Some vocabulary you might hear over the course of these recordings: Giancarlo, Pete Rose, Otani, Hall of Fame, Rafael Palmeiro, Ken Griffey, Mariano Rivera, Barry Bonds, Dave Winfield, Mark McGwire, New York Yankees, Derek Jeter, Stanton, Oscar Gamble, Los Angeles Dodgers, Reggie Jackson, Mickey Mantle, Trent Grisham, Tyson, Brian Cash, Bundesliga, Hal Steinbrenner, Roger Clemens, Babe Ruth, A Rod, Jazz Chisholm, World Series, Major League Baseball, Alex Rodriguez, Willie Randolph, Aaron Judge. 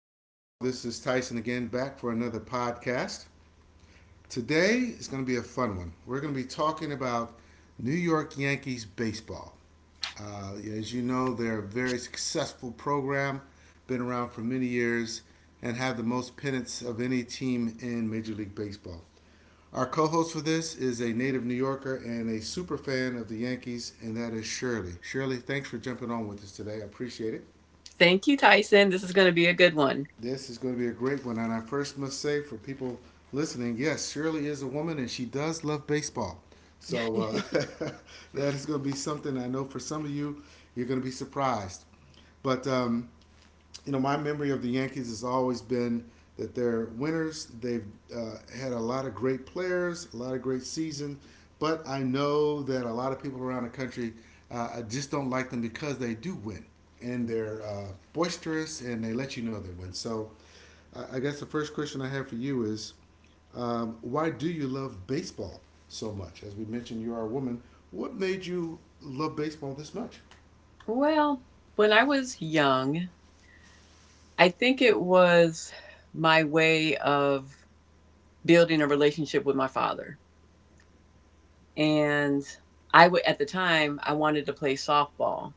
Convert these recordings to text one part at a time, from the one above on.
evening, all. This is Tyson again, back for another podcast. Today is going to be a fun one. We're going to be talking about New York Yankees baseball. As you know, they're a very successful program, been around for many years, and have the most pennants of any team in Major League Baseball. Our co host for this is a native New Yorker and a super fan of the Yankees, and that is Shirley. Shirley, thanks for jumping on with us today. I appreciate it. Thank you, Tyson. This is going to be a good one. This is going to be a great one. And I first must say for people listening, yes, Shirley is a woman and she does love baseball. So that is going to be something I know for some of you, you're going to be surprised. But my memory of the Yankees has always been that they're winners. They've had a lot of great players, a lot of great seasons, but I know that a lot of people around the country just don't like them because they do win and they're boisterous and they let you know they win. So, I guess the first question I have for you is, why do you love baseball so much? As we mentioned, you are a woman. What made you love baseball this much? Well, when I was young, I think it was my way of building a relationship with my father. And I would, at the time, I wanted to play softball.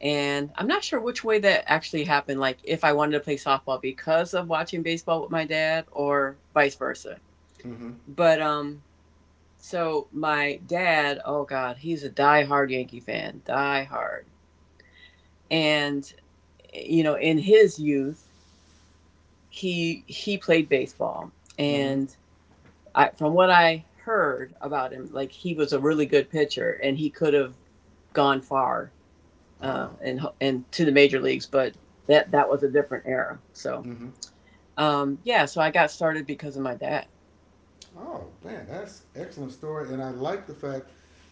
And I'm not sure which way that actually happened, like if I wanted to play softball because of watching baseball with my dad or vice versa. Mm-hmm. But so my dad, oh god, he's a diehard Yankee fan, diehard. And you know, in his youth, he played baseball, Mm-hmm. and I, from what I heard about him, like he was a really good pitcher, and he could have gone far, uh, Ah. and and to the major leagues, but that was a different era. So Mm-hmm. Yeah, so I got started because of my dad. Oh man, that's an excellent story, and I like the fact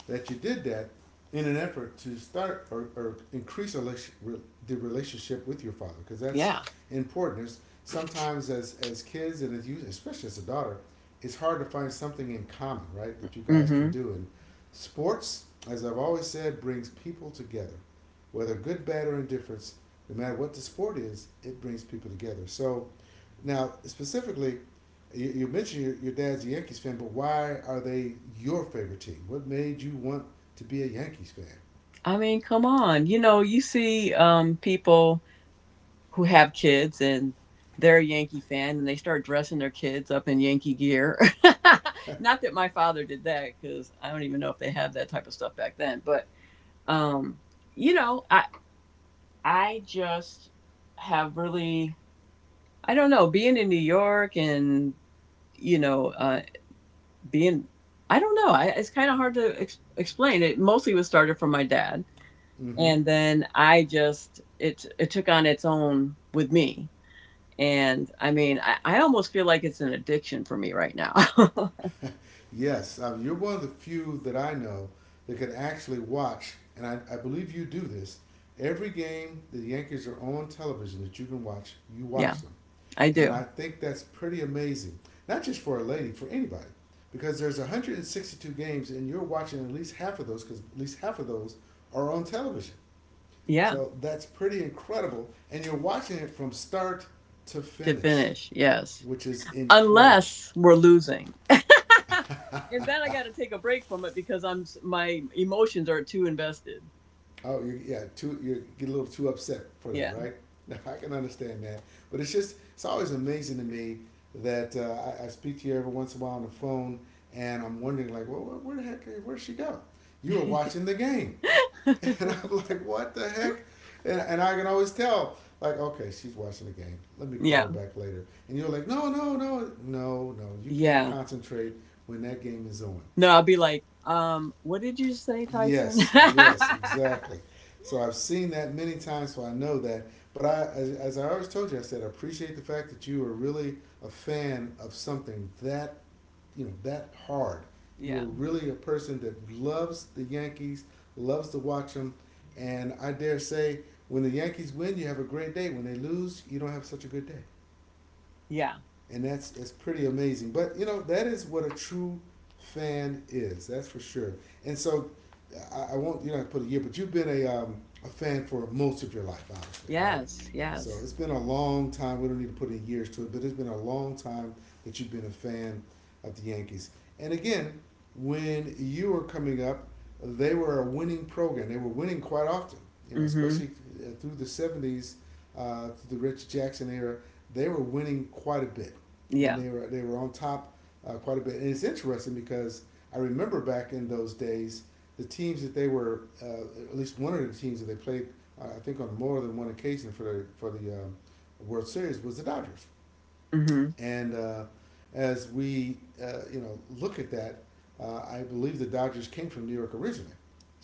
that you did that in an effort to start or increase the relationship with your father, because that's Yeah. important. It's sometimes as kids and as you, especially as a daughter, it's hard to find something in common, right? That you guys can Hmm. do, and sports, as I've always said, brings people together, whether good, bad, or indifference. No matter what the sport is, it brings people together. So, now specifically you mentioned your dad's a Yankees fan, but why are they your favorite team? What made you want to be a Yankees fan? I mean, come on, you know, you see people who have kids and they're a Yankee fan and they start dressing their kids up in Yankee gear. Not that my father did that because I don't even know if they had that type of stuff back then. But um, you know, I just have really I don't know being in New York and you know uh, being I don't know I, it's kind of hard to explain. It mostly was started from my dad, Mm-hmm. and then I just it took on its own with me. And I mean, I almost feel like it's an addiction for me right now. Yes, you're one of the few that I know that can actually watch, and I believe you do this. Every game the Yankees are on television that you can watch, you Yeah, watch them. I And I do. think that's pretty amazing. Not just for a lady, for anybody. Because there's 162 games, and you're watching at least half of those, because at least half of those are on television. Yeah, So that's pretty incredible. And you're watching it from start to to finish, finish. Yes. which is incredible. Unless we're losing. And then I got to take a break from it because I'm my emotions are too invested. Oh, you yeah, too, you get a little too upset for that, Yeah. right? Now, I can understand that. But it's just, it's always amazing to me that I speak to you every once in a while on the phone and I'm wondering, like, well, where the heck, where'd she go? You were watching the game. And I'm like, what the heck? And I can always tell, like, okay, she's watching the game. Let me call her Yeah. back later. And you're like, no, no, no, no, no. You can't Yeah. concentrate when that game is on. No, I'll be like, what did you say, Tyson? Yes, yes, exactly. So I've seen that many times, so I know that. But I, as I always told you, I said I appreciate the fact that you are really a fan of something that you know that hard. You are Yeah. really a person that loves the Yankees, loves to watch them, and I dare say, when the Yankees win, you have a great day. When they lose, you don't have such a good day Yeah. and that's pretty amazing. But you know that is what a true fan is. That's for sure. And so I won't put a year, but you've been a fan for most of your life, obviously, right? Yes. So Yes. it's been a long time. We don't need to put in years to it, but it's been a long time that you've been a fan of the Yankees. And again, when you were coming up, they were a winning program. They were winning quite often, you know, Mhm. especially through the '70s, through the Rich Jackson era they were winning quite a bit, and Yeah. they were on top quite a bit. And it's interesting because I remember back in those days, the teams that they were at least one of the teams that they played, I think on more than one occasion for the for the World Series was the Dodgers. Mhm. And as we look at that, I believe the Dodgers came from New York originally.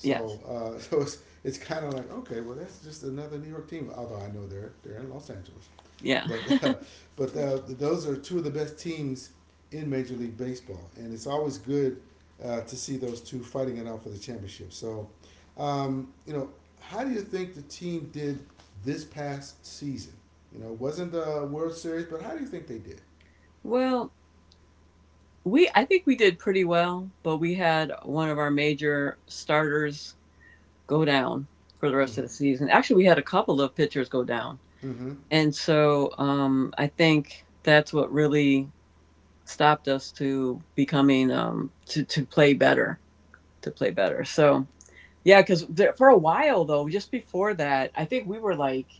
Yes. So it's kind of like okay, well that's just another New York team. Although I know they're in Los Angeles, Yeah. but uh, but uh, those are two of the best teams in Major League Baseball, and it's always good to see those two fighting it out for the championship. So, um, you know, how do you think the team did this past season? You know, it wasn't the World Series, but how do you think they did? well, We I think we did pretty well, but we had one of our major starters go down for the rest of Mm-hmm. the season. Actually, we had a couple of pitchers go down. Mm-hmm. And so I think that's what really stopped us to becoming to play better, to play better. So, yeah, cuz for a while though, just before that, I think we were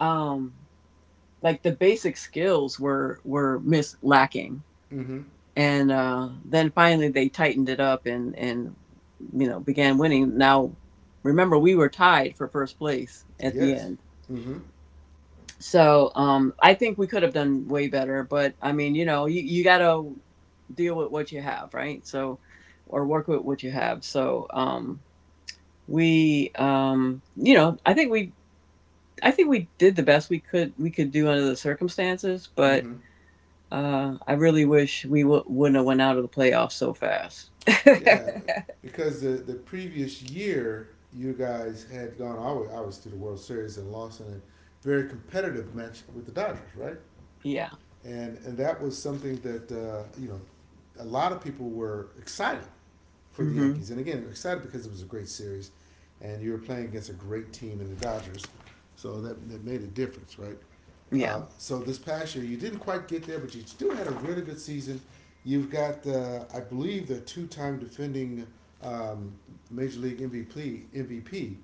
um like the basic skills were miss lacking, Mm-hmm. and then finally they tightened it up and you know began winning. Now remember we were tied for first place at the Yes. end, Mm-hmm. so I think we could have done way better. But I mean, you know, you gotta deal with what you have, right? So or work with what you have. So we you know I think we did the best we could do under the circumstances, but Mm-hmm. uh, I really wish we wouldn't have went out of the playoffs so fast. Yeah, because the previous year you guys had gone all the way to the World Series and lost in a very competitive match with the Dodgers, right? Yeah. And that was something that you know a lot of people were excited for the Mhm. Yankees, and again excited because it was a great series, and you were playing against a great team in the Dodgers, so that made a difference, right? Yeah. So this past year, you didn't quite get there, but you still had a really good season. You've got, I believe, the two-time defending um, Major League MVP,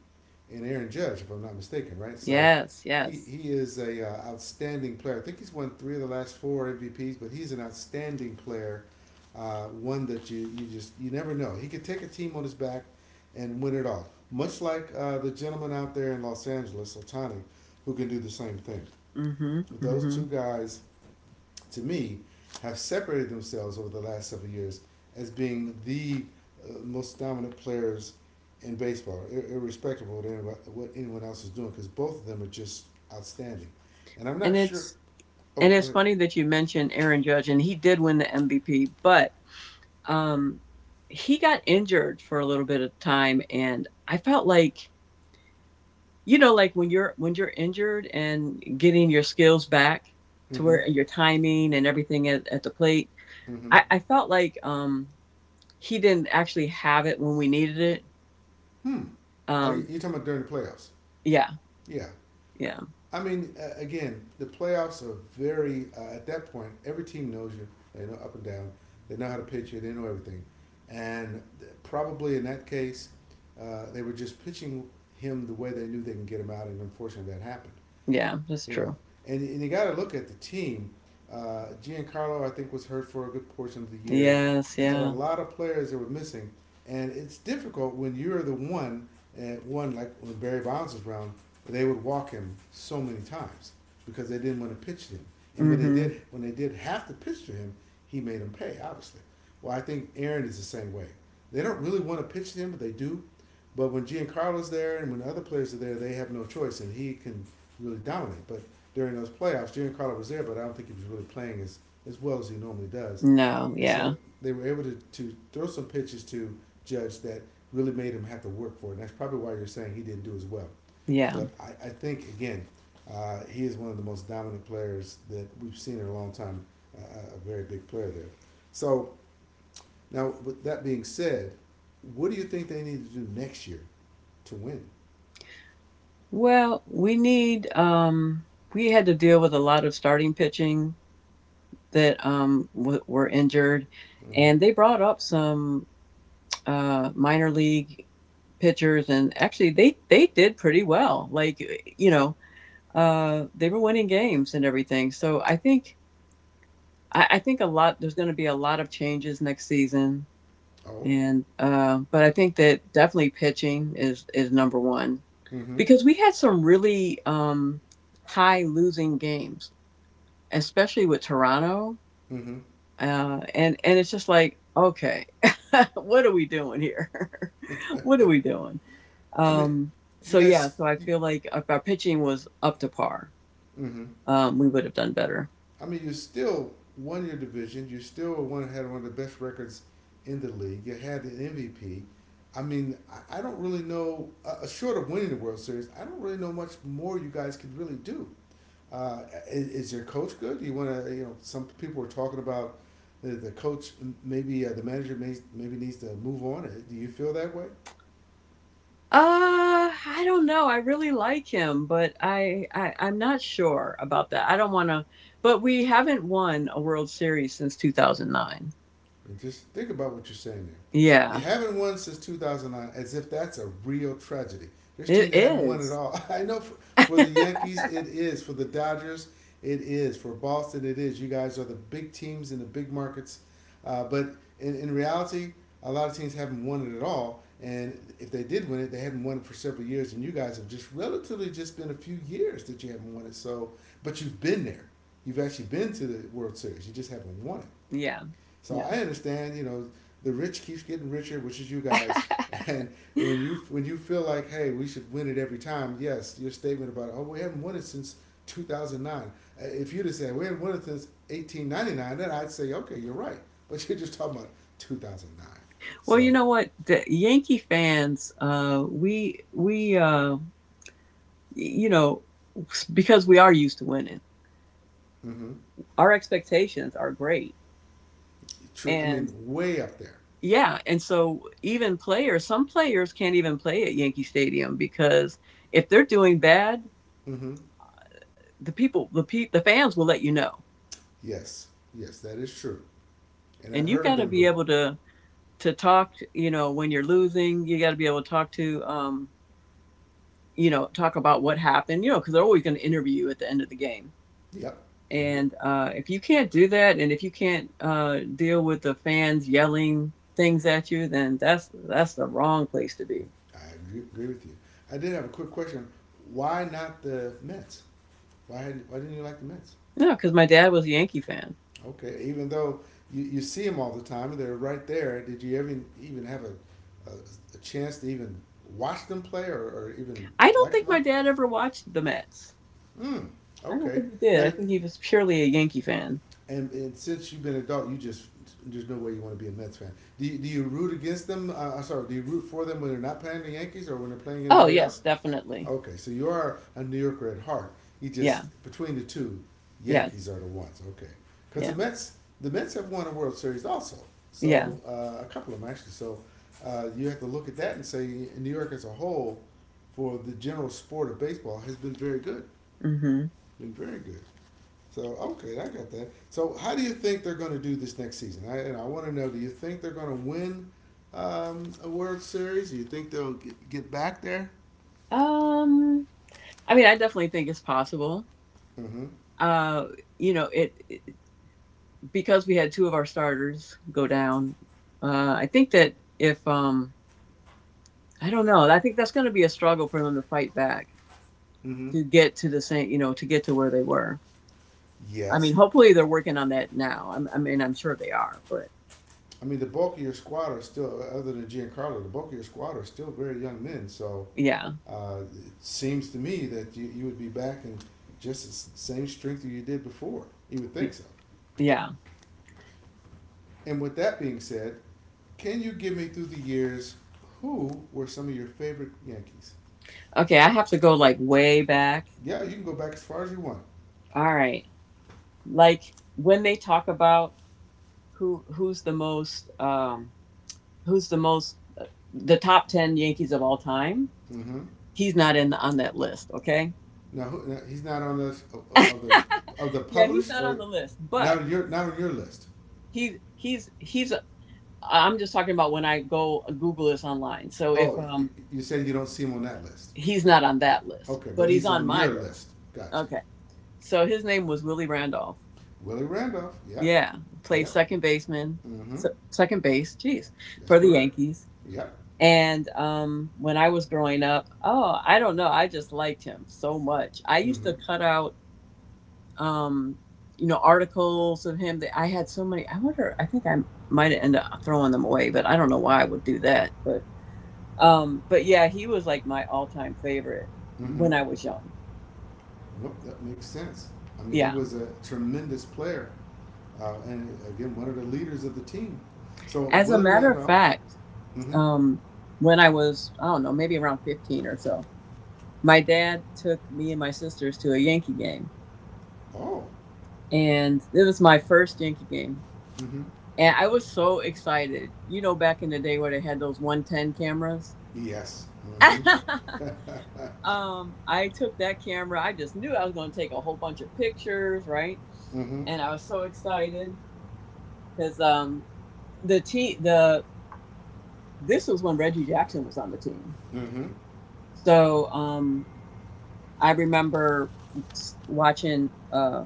and Aaron Judge, if I'm not mistaken, right? So Yes. he Yes. he is a outstanding player. I think he's won three of the last four MVPs, but he's an outstanding player. One that you never know. He could take a team on his back and win it all, much like the gentleman out there in Los Angeles, Otani, who can do the same thing Mhm. those two Mhm. guys, to me, have separated themselves over the last several years as being the most dominant players in baseball, irrespective of what anyone, else is doing, because both of them are just outstanding. And I'm And not sure. it's Oh, and go it's ahead. funny that you mentioned Aaron Judge, and he did win the MVP, but um, he got injured for a little bit of time, and I felt like you know, like when you're injured and getting your skills back to Mm-hmm. where your timing and everything at the plate. Mm-hmm. I felt like he didn't actually have it when we needed it. Hmm. Are you, Um, you're talking about during the playoffs? yeah, Yeah. yeah, I mean, again, the playoffs are very. At that point, every team knows you. They know up and down. They know how to pitch you. They know everything, and probably in that case, they were just pitching him the way they knew they can get him out, and unfortunately, that happened yeah, that's you know, true. And you got to look at the team. Giancarlo, I think, was hurt for a good portion of the year. Yes, They had a yeah. lot of players that were missing, and it's difficult when you're the one and one like when Barry Bonds was around, they would walk him so many times because they didn't want to pitch to him. And Mm-hmm. When they did have to pitch to him, he made them pay. Obviously, well, I think Aaron is the same way. They don't really want to pitch to him, but they do. But when Giancarlo's there and when other players are there, they have no choice, and he can really dominate. But during those playoffs, Jimmy Carter was there, but I don't think he was really playing as well as he normally does. No, And so yeah, they were able to throw some pitches to Judge that really made him have to work for it. And that's probably why you're saying he didn't do as well. yeah. But I think, again, he is one of the most dominant players that we've seen in a long time, a very big player there. So now, with that being said, what do you think they need to do next year to win? Well, we need, we had to deal with a lot of starting pitching that were injured, Mm-hmm. and they brought up some minor league pitchers, and actually they did pretty well. Like you know, they were winning games and everything. So I think a lot there's going to be a lot of changes next season, Oh, and but I think that definitely pitching is number one mm-hmm, because we had some really high losing games, especially with Toronto, mm-hmm. And it's just like okay, what are we doing here? What are we doing? I mean, Um, you so yeah, guys. so I You, feel like if our pitching was up to par, mhm. We would have done better. I mean, you still won your division. You still one had one of the best records in the league. You had an MVP. I mean, I don't really know. Short of winning the World Series, I don't really know much more you guys could really do. Uh, is your coach good? You want to, you know, some people were talking about the coach. Maybe the manager maybe needs to move on. Do you feel that way? I don't know. I really like him, but I'm not sure about that. I don't want to. But we haven't won a World Series since 2009. And just think about what you're saying there. You Yeah, haven't won since 2009, as if that's a real tragedy. There's it teams that hadn't won at is. all. I know for the Yankees, it is. For the Dodgers, it is. For Boston, it is. You guys are the big teams in the big markets. But in reality, a lot of teams haven't won it at all. And if they did win it, they hadn't won it for several years. And you guys have just relatively just been a few years that you haven't won it. So, but you've been there. You've actually been to the World Series. You just haven't won it. Yeah, So I yeah. understand, the rich keeps getting richer, which is you guys. And when you feel like, hey, we should win it every time, yes, your statement about, oh, we haven't won it since 2009. If you'd have said, we haven't won it since 1899, then I'd say, okay, you're right. But you're just talking about 2009. Well, you So. know what, the Yankee fans, you know, because we are used to winning, Hmm. our expectations are great, True. I and. mean, way up there. Yeah, and so even players, some players can't even play at Yankee Stadium because if they're doing bad, Hmm. the people, the pe- the fans will let you know, Yes, yes, that is true. And I've and you've heard got to them be boo. able to talk. You know, when you're losing, you got to be able to talk to, you know, talk about what happened. You know, because they're always going to interview you at the end of the game, Yep. And you, and if you can't do that, and if you can't deal with the fans yelling things at you, then that's the wrong place to be. I agree, with you. I did have a quick question. Why not the Mets? Why didn't you like the Mets? No, because my dad was a Yankee fan. Okay, even though you see them all the time and they're right there, did you ever even have a, a chance to even watch them play, or even I don't like think them my all? dad ever watched the Mets. Mm, I don't okay. think he did. Now, I think he was purely a Yankee fan. and since you've been an adult, you just, there's no way you want to be a Mets fan. Do you root against them? I sorry. Do you root for them when they're not playing the Yankees or when they're playing Oh anybody yes, else? definitely. Okay, so you are a New Yorker at heart. You Yeah. just, between the two, Yes. Yankees are the ones. Okay, because the Yeah. Mets, the Mets have won a World Series also. Yeah. So a couple of them actually. So you have to look at that and say New York as a whole, for the general sport of baseball, has been very good. Hmm. Been very good. So okay, I got that. So how do you think they're going to do this next season? And I want to know: do you think they're going to win a World Series? Do you think they'll get back there? Um. I mean, I definitely think it's possible. Mm-hmm. Uh, you know, it because we had two of our starters go down. I think that if I don't know. I think that's going to be a struggle for them to fight back Mm-hmm. to get to the same. You know, to get to where they were. I mean, Yes. hopefully they're working on that now. I mean, I'm sure they are, but I mean, the bulk of your squad are still, other than Giancarlo, the bulk of your squad are still very young men. So yeah, it seems to me that you would be back in just the same strength that you did before. You would yeah. think so. Yeah. And with that being said, can you give me through the years who were some of your favorite Yankees? Okay, I have to go like way back. Yeah, you can go back as far as you want. All right. Like when they talk about who's the most who's the most uh, the top 10 Yankees of all time, Mm-hmm. he's not in the, on that list, okay? Now, now he's not on of, the of the Yeah, he's published, not on or the list, not but on your not on your list. he he's I'm just talking about when I go Google this online. So if Oh, you're saying you don't see him on that list. he's not on that list, Okay, but but he's he's on on my your list. list. Gotcha. Okay. So his name was Willie Randolph. Willie Randolph. Yep. Yeah, played Yep. second baseman, Mm-hmm. Second base, jeez, That's for the correct. Yankees. Yep. And when I was growing up, oh, I don't know, I just liked him so much. I used Mm-hmm. to cut out, um, you know, articles of him that I had so many. I wonder, I think I might end up throwing them away, but I don't know why I would do that. But yeah, he was like my all-time favorite Mm-hmm. when I was young. Nope, that makes sense. I mean, he Yeah. was a tremendous player, and again, one of the leaders of the team. So As a Willie matter of Randolph. fact, Mm-hmm. um, when I was, I don't know, maybe around 15 or so, my dad took me and my sisters to a Yankee game, Oh. and it was my first Yankee game. Mm-hmm. And I was so excited. You know, back in the day where they had those 110 cameras. Yes. Mm-hmm. Um, I took that camera. I just knew I was going to take a whole bunch of pictures, right? Mm-hmm. And I was so excited because the team, the this was when Reggie Jackson was on the team. Mm-hmm. So I remember watching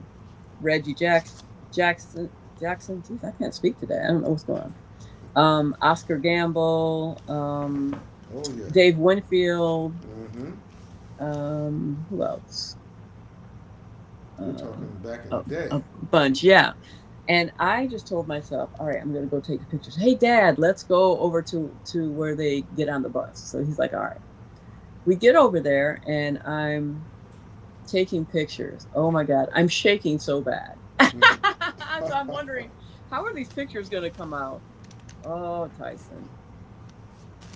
Reggie Jackson, Jackson, Jackson. Jeez, I can't speak today. I don't know what's going on. Oscar Gamble, Oh yeah. Dave Winfield, Mm-hmm. Who else? You're Uh, talking back in a, the day. a bunch, yeah. And I just told myself, all right, I'm gonna go take the pictures. Hey, Dad, let's go over to where they get on the bus. So he's like, all right. We get over there, and I'm taking pictures. Oh my god, I'm shaking so bad. Mm-hmm. So I'm wondering how are these pictures going to come out? Oh, Tyson.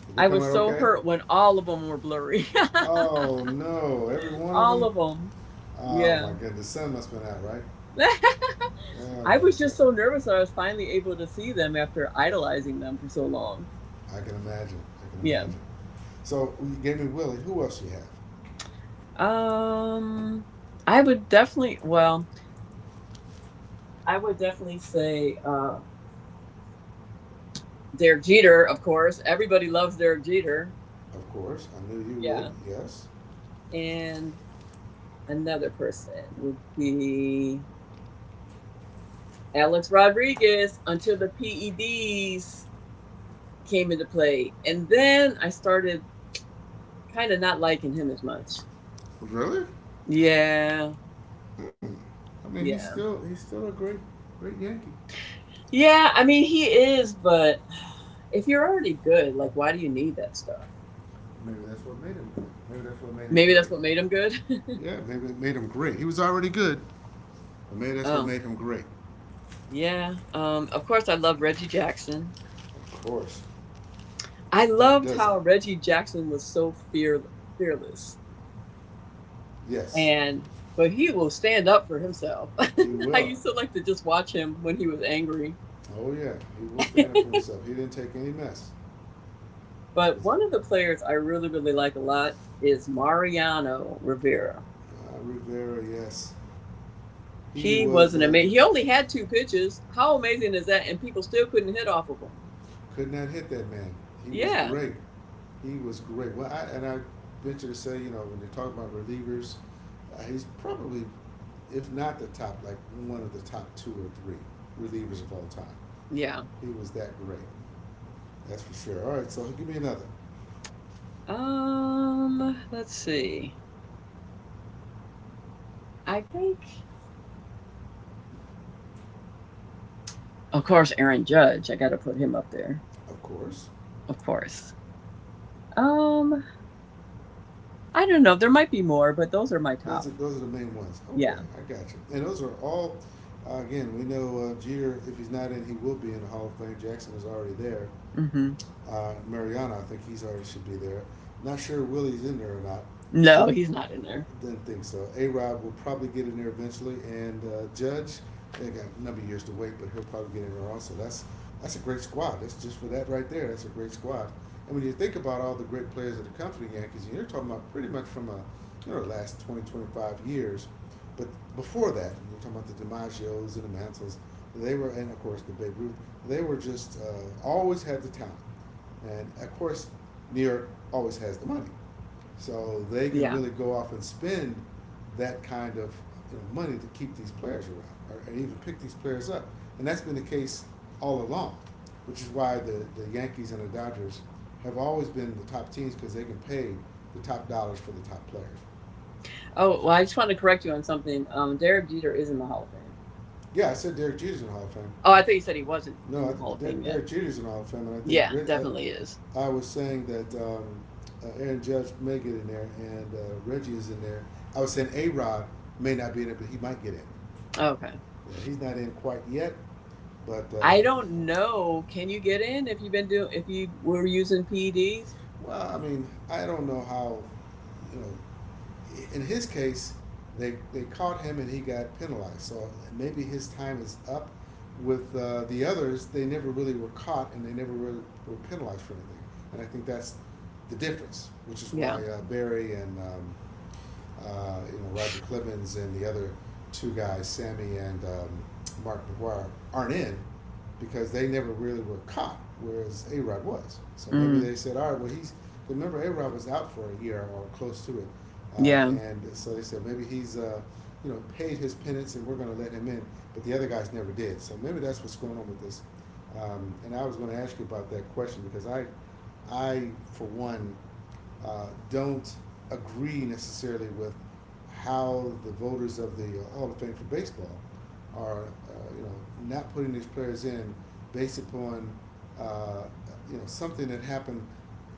Did they I come was out so okay? hurt when all of them were blurry. Oh no, every one of All them. of them. Oh my Yeah. god, the sun must have been out, right? Oh I my was just god, so nervous that I was finally able to see them after idolizing them for so long. I can imagine. I can Yeah. imagine. So you gave me Willie. Who else you have? Um I would definitely well, I would definitely say Derek Jeter, of course. Everybody loves Derek Jeter. Of course, I knew you would. Yeah. Yes. And another person would be Alex Rodriguez until the PEDs came into play. And then I started kind of not liking him as much. Really? Yeah, I mean, he's yeah. still he's still a great great Yankee. Yeah, I mean, he is, but if you're already good, like, why do you need that stuff? Maybe that's what made him great. Maybe that's what made him Maybe great. that's what made him good. Yeah, maybe it made him great. He was already good, but maybe that's what Oh, made him great. yeah. Of course, I love Reggie Jackson. Of course. I Who loved doesn't? how Reggie Jackson was so fearless. Yes. And, but he will stand up for himself. He I will. used to like to just watch him when he was angry. Oh yeah, he will stand up for himself. He didn't take any mess. But Was it one of the players I really, really like a lot is Mariano Rivera. Rivera? Yes, he He was was. an amazing. The He only had two pitches. How amazing is that? And people still couldn't hit off of him. Could not hit that man. He was Yeah, great. He was great. Well, I venture to say, when you talk about relievers, he's probably, if not the top, like one of the top two or three relievers of all time. yeah. He was that great. That's for sure. All right, so give me another. Let's see. I think, of course, Aaron Judge. I got to put him up there, Of course, of course. Um, I don't know. There might be more, but those are my Those are top. those are the main ones. Okay, Yeah. I got you. And those are all. Again, we know Jeter. If he's not in, he will be in the Hall of Fame. Jackson is already there. Mm-hmm. Mariana, I think he's already should be there. Not sure Willie's in there or not. No, Je- he's not in there. didn't think so. A Rob will probably get in there eventually, and Judge, they got a number of years to wait, but he'll probably get in there also. That's a great squad. That's just for that right there. That's a great squad. And when you think about all the great players that have come for the Yankees, and you're talking about pretty much from a you know the last 20-25 years, but before that, you're talking about the DiMaggio's and the Mantles. They were, and of course the Babe Ruth. They were just always had the talent, and of course New York always has the money. So they can Yeah. really go off and spend that kind of, money to keep these players around, and even pick these players up. And that's been the case all along, which is why the Yankees and the Dodgers have always been the top teams because they can pay the top dollars for the top players. Oh, well, I just want to correct you on something. Derek Jeter is in the Hall of Fame. Yeah, I said Derek Jeter's in the Hall of Fame. Oh, I thought you said he wasn't No, in the Hall of Fame yet. Derek Jeter's in the Hall of Fame, and I think Yeah, definitely is. uh, I was saying that Aaron Judge may get in there, and Reggie is in there. I was saying A Rod may not be in it, but he might get in. Okay. Yeah, he's not in quite yet, but I don't know. Can you get in if you've been doing if you were using PEDs? well, I mean, I don't know how. You know, in his case, they caught him and he got penalized. So maybe his time is up. With the others, they never really were caught and they never really were penalized for anything. And I think that's the difference, which is why Yeah. Barry and Roger Clemens and the other two guys, Sammy and Mark McGuire, aren't in because they never really were caught, whereas A Rod was. So maybe Mm. they said, all right, well, he's, remember, A Rod was out for a year or close to it. Uh, Yeah. and so they said, maybe he's, paid his penance and we're going to let him in. But the other guys never did. So maybe that's what's going on with this. And I was going to ask you about that question because for one, don't agree necessarily with how the voters of the Hall of Fame for baseball are, not putting these players in based upon, uh, something that happened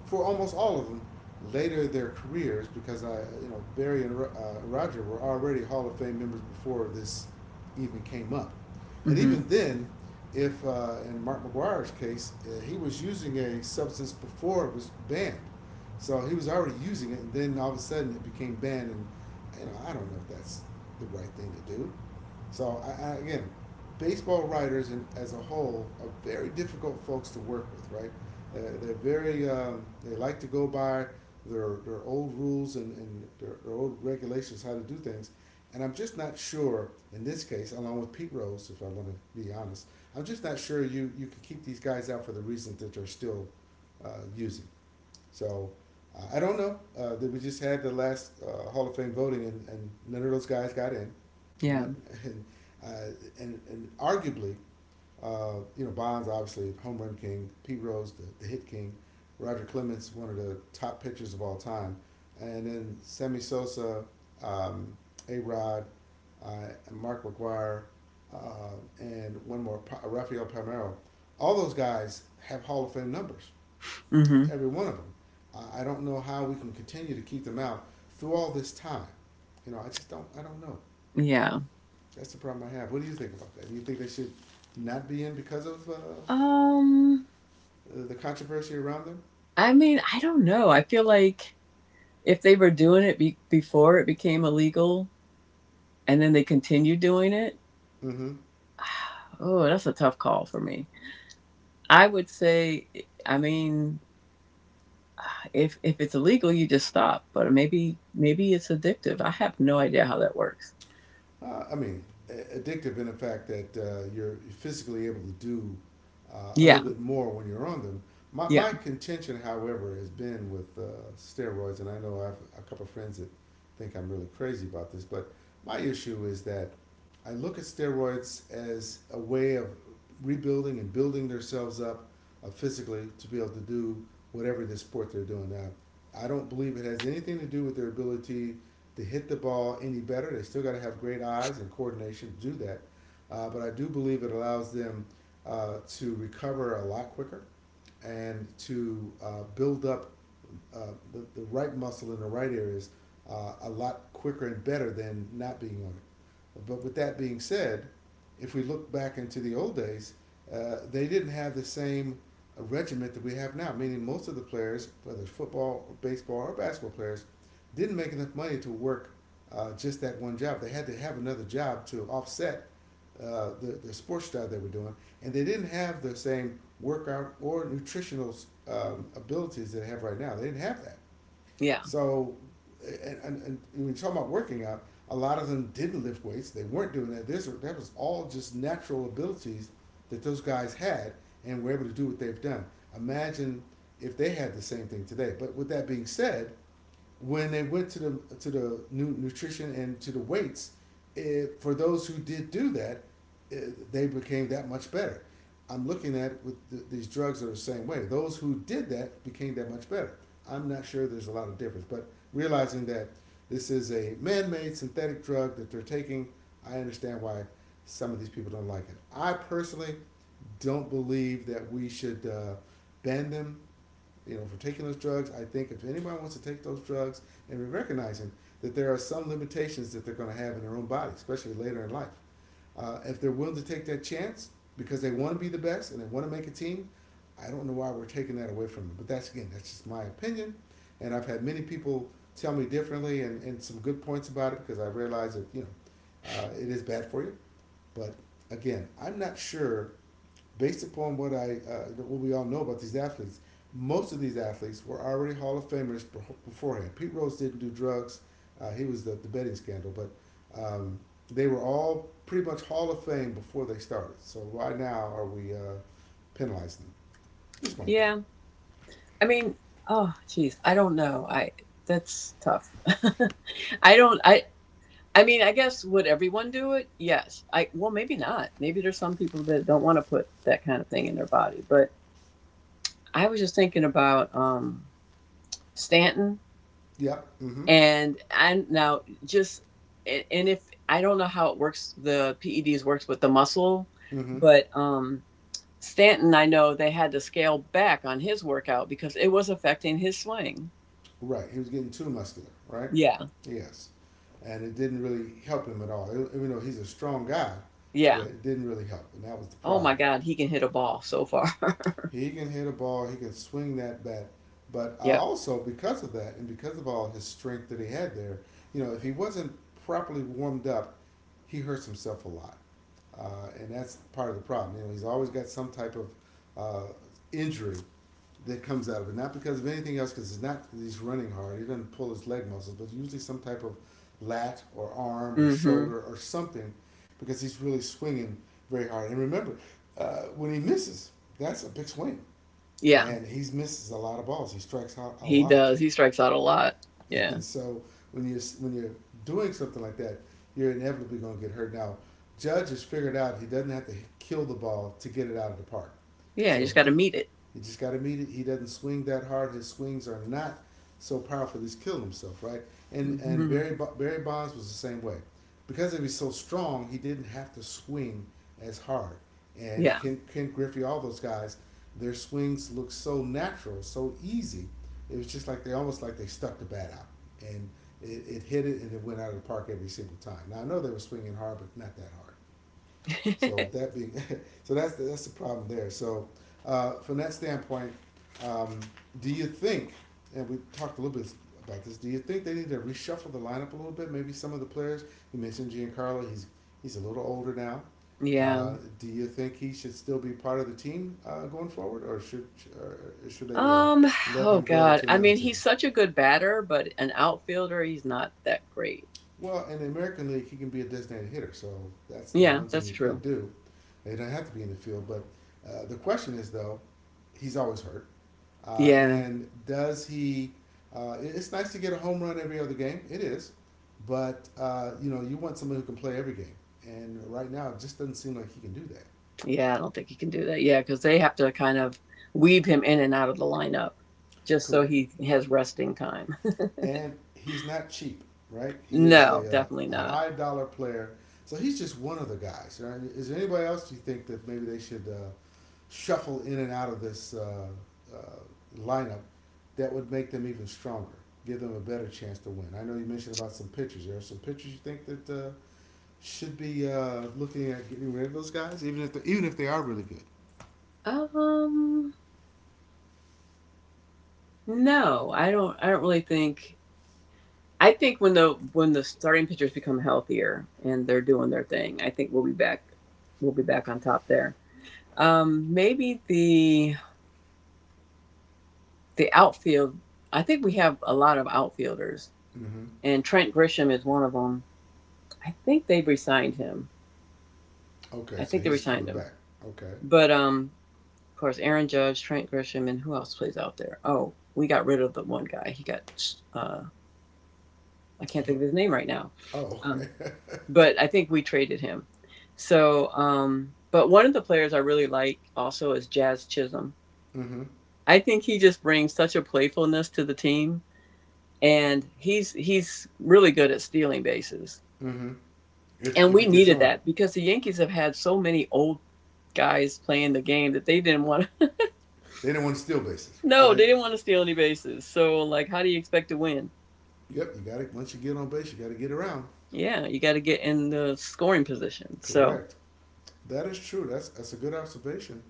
for almost all of them later in their careers because Barry and Roger were already Hall of Fame members before this even came up, and Mhm. even then, if in Mark McGuire's case, he was using a substance before it was banned, so he was already using it, and then all of a sudden it became banned, and I don't know if that's the right thing to do. So again, baseball writers as a whole are very difficult folks to work with, right? They're very they like to go by their old rules and their old regulations how to do things, and I'm just not sure in this case, along with Pete Rose, if I want to be honest, I'm just not sure you could keep these guys out for the reasons that they're still uh, using. So I don't know. That we just had the last Hall of Fame voting, and none of those guys got in. And, Yeah. that, and, uh, and arguably, Bonds obviously home run king, Pete Rose the hit king, Roger Clemens one of the top pitchers of all time, and then Sammy Sosa, um, A Rod, and Mark McGwire, and one more, Rafael Palmeiro. All those guys have Hall of Fame numbers, Mhm. every one of them. I don't know how we can continue to keep them out through all this time. You know, I just don't. I don't know. Yeah. That's the problem I have. What do you think about that? Do you think they should not be in because of Um the controversy around them? I mean, I don't know. I feel like if they were doing before it became illegal and then they continued doing it, Mm-hmm. oh, that's a tough call for me. I would say I mean, if it's illegal, you just stop. But maybe it's addictive. I have no idea how that works. uh, I mean, addictive in the fact that you're physically able to do a Yeah, little bit more when you're on them. My, yeah, my contention, however, has been with steroids, and I know I have a couple of friends that think I'm really crazy about this, but my issue is that I look at steroids as a way of rebuilding and building themselves up physically to be able to do whatever the sport they're doing now. I don't believe it has anything to do with their ability to hit the ball any better. They still got to have great eyes and coordination to do that. But I do believe it allows them to recover a lot quicker and to build up the right muscle in the right areas a lot quicker and better than not being on it. But with that being said, if we look back into the old days, they didn't have the same regiment that we have now. Meaning, most of the players, whether it's football, or baseball, or basketball players, didn't make enough money to work just that one job. They had to have another job to offset the sports job they were doing, and they didn't have the same workout or nutritional abilities that they have right now. They didn't have that. yeah, So, and when you talk about working out, a lot of them didn't lift weights. They weren't doing that. This that was all just natural abilities that those guys had and were able to do what they've done. Imagine if they had the same thing today. But with that being said, when they went to the new nutrition and to the weights, for those who did do that, they became that much better. I'm looking at with these drugs are the same way. Those who did that became that much better. I'm not sure there's a lot of difference, but realizing that this is a man-made synthetic drug that they're taking, I understand why some of these people don't like it. I personally don't believe that we should ban them, you know, for taking those drugs. I think if anybody wants to take those drugs and we're recognizing that there are some limitations that they're going to have in their own body, especially later in life. If they're willing to take that chance because they want to be the best and they want to make a team, I don't know why we're taking that away from them. But that's again, that's just my opinion, and I've had many people tell me differently, and some good points about it because I realize that, it is bad for you. But again, I'm not sure based upon what I what we all know about these athletes, most of these athletes were already Hall of Famers beforehand. Pete Rose didn't do drugs; he was the betting scandal, but um, they were all pretty much Hall of Fame before they started. So why now are we penalizing them? Just my thought. yeah. I mean, oh, geez, I don't know. I that's tough. I don't. I mean, I guess would everyone do it? Yes. I well, maybe not. Maybe there's some people that don't want to put that kind of thing in their body. But I was just thinking about Stanton Yep. Mm-hmm. and now just and if I don't know how it works the ped's works with the muscle Mm-hmm. but stanton I know they had to scale back on his workout because it was affecting his swing Right. He was getting too muscular. Right. yeah Yes. And it didn't really help him at all. Even though he's a strong guy, yeah, yeah it didn't really help, and that was the oh my problem. god he can hit a ball so far He can hit a ball. He can swing that bat. But I yep also, because of that, and because of all his strength that he had there, you know, if he wasn't properly warmed up, he hurts himself a lot, and that's part of the problem. You know, he's always got some type of uh, injury that comes out of it, not because of anything else, because it's not he's running hard. He doesn't pull his leg muscles, but usually some type of lat or arm or mm-hmm shoulder or something, because he's really swinging very hard. And remember, when he misses, that's a big swing yeah and he misses a lot of balls. He strikes out a he lot. does he strikes out a lot yeah And so when you're doing something like that, you're inevitably going to get hurt. Now, Judge has figured out he doesn't have to kill the ball to get it out of the park. yeah you So just got he to meet it you just got to meet it. He doesn't swing that hard. His swings are not so powerful that he's killed himself, right? And hmm Barry Bonds was the same way. Because he was so strong, he didn't have to swing as hard. And yeah Ken Griffey, all those guys, their swings look so natural, so easy, it was just like they almost like they stuck the bat out and it hit it and it went out of the park every single time. Now I know they were swinging hard, but not that hard. So that being, so that's that's the problem there. So from that standpoint, um, do you think? And we talked a little bit about this. Do you think they need to reshuffle the lineup a little bit? Maybe some of the players you mentioned, Giancarlo, he's a little older now. yeah Do you think he should still be part of the team going forward, or or should they Um, let oh him go God. to I another mean, team? he's such a good batter, but an outfielder, he's not that great. Well, in the American League, he can be a designated hitter, so that's the Yeah, one thing that's he could true. do. He doesn't have to be in the field, but the question is though, he's always hurt, Yeah. and does he? It's nice to get a home run every other game. It is, but you know, you want someone who can play every game, and right now it just doesn't seem like he can do that. Yeah, I don't think he can do that. Yeah, because they have to kind of weave him in and out of the lineup just so he has resting time. And he's not cheap, right? He is No, definitely a not. high dollar player, so he's just one of the guys. Right? Is there anybody else you think that maybe they should shuffle in and out of this uh, lineup that would make them even stronger, give them a better chance to win. I know you mentioned about some pitchers. There are some pitchers you think that should be looking at getting rid of those guys, even if they are really good. Um, no, I don't. I don't really think. I think when the starting pitchers become healthier and they're doing their thing, I think we'll be back. We'll be back on top there. Maybe the outfield, I think we have a lot of outfielders, Mm-hmm. and Trent Grisham is one of them. I think they have resigned him. Okay, I so think they he's resigned coming him. back. Okay. But of course, Aaron Judge, Trent Grisham, and who else plays out there? Oh, we got rid of the one guy. He got uh, I can't think of his name right now. Oh, okay. Um, but I think we traded him. So, but one of the players I really like also is Jazz Chisholm. Mm-hmm. I think he just brings such a playfulness to the team and he's really good at stealing bases. Mm-hmm. If And we he gets needed on, that because the Yankees have had so many old guys playing the game that they didn't want to. they don't want to steal bases, No, right? they didn't want to steal any bases. So like, how do you expect to win? Yep. You got to, once you get on base, you got to get around. Yeah, you got to get in the scoring position. So Correct. That is true. That's a good observation.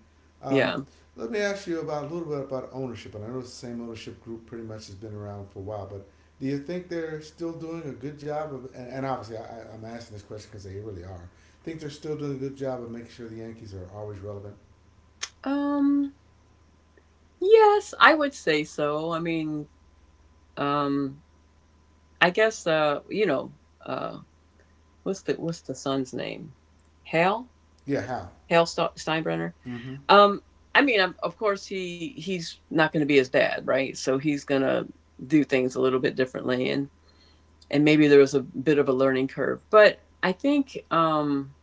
Um, yeah, Let me ask you about a little bit about ownership, and I know it's the same ownership group pretty much has been around for a while. But do you think they're still doing a good job of? And obviously, I am asking this question because they really are. Think they're still doing a good job of making sure the Yankees are always relevant. um, yes, I would say so. I mean, um, I guess uh, what's the son's name? Hal Yeah, how? Hal Steinbrenner. Mm-hmm. Um, I mean, of course, he's not going to be his dad, right? So he's going to do things a little bit differently, and maybe there was a bit of a learning curve. But I think,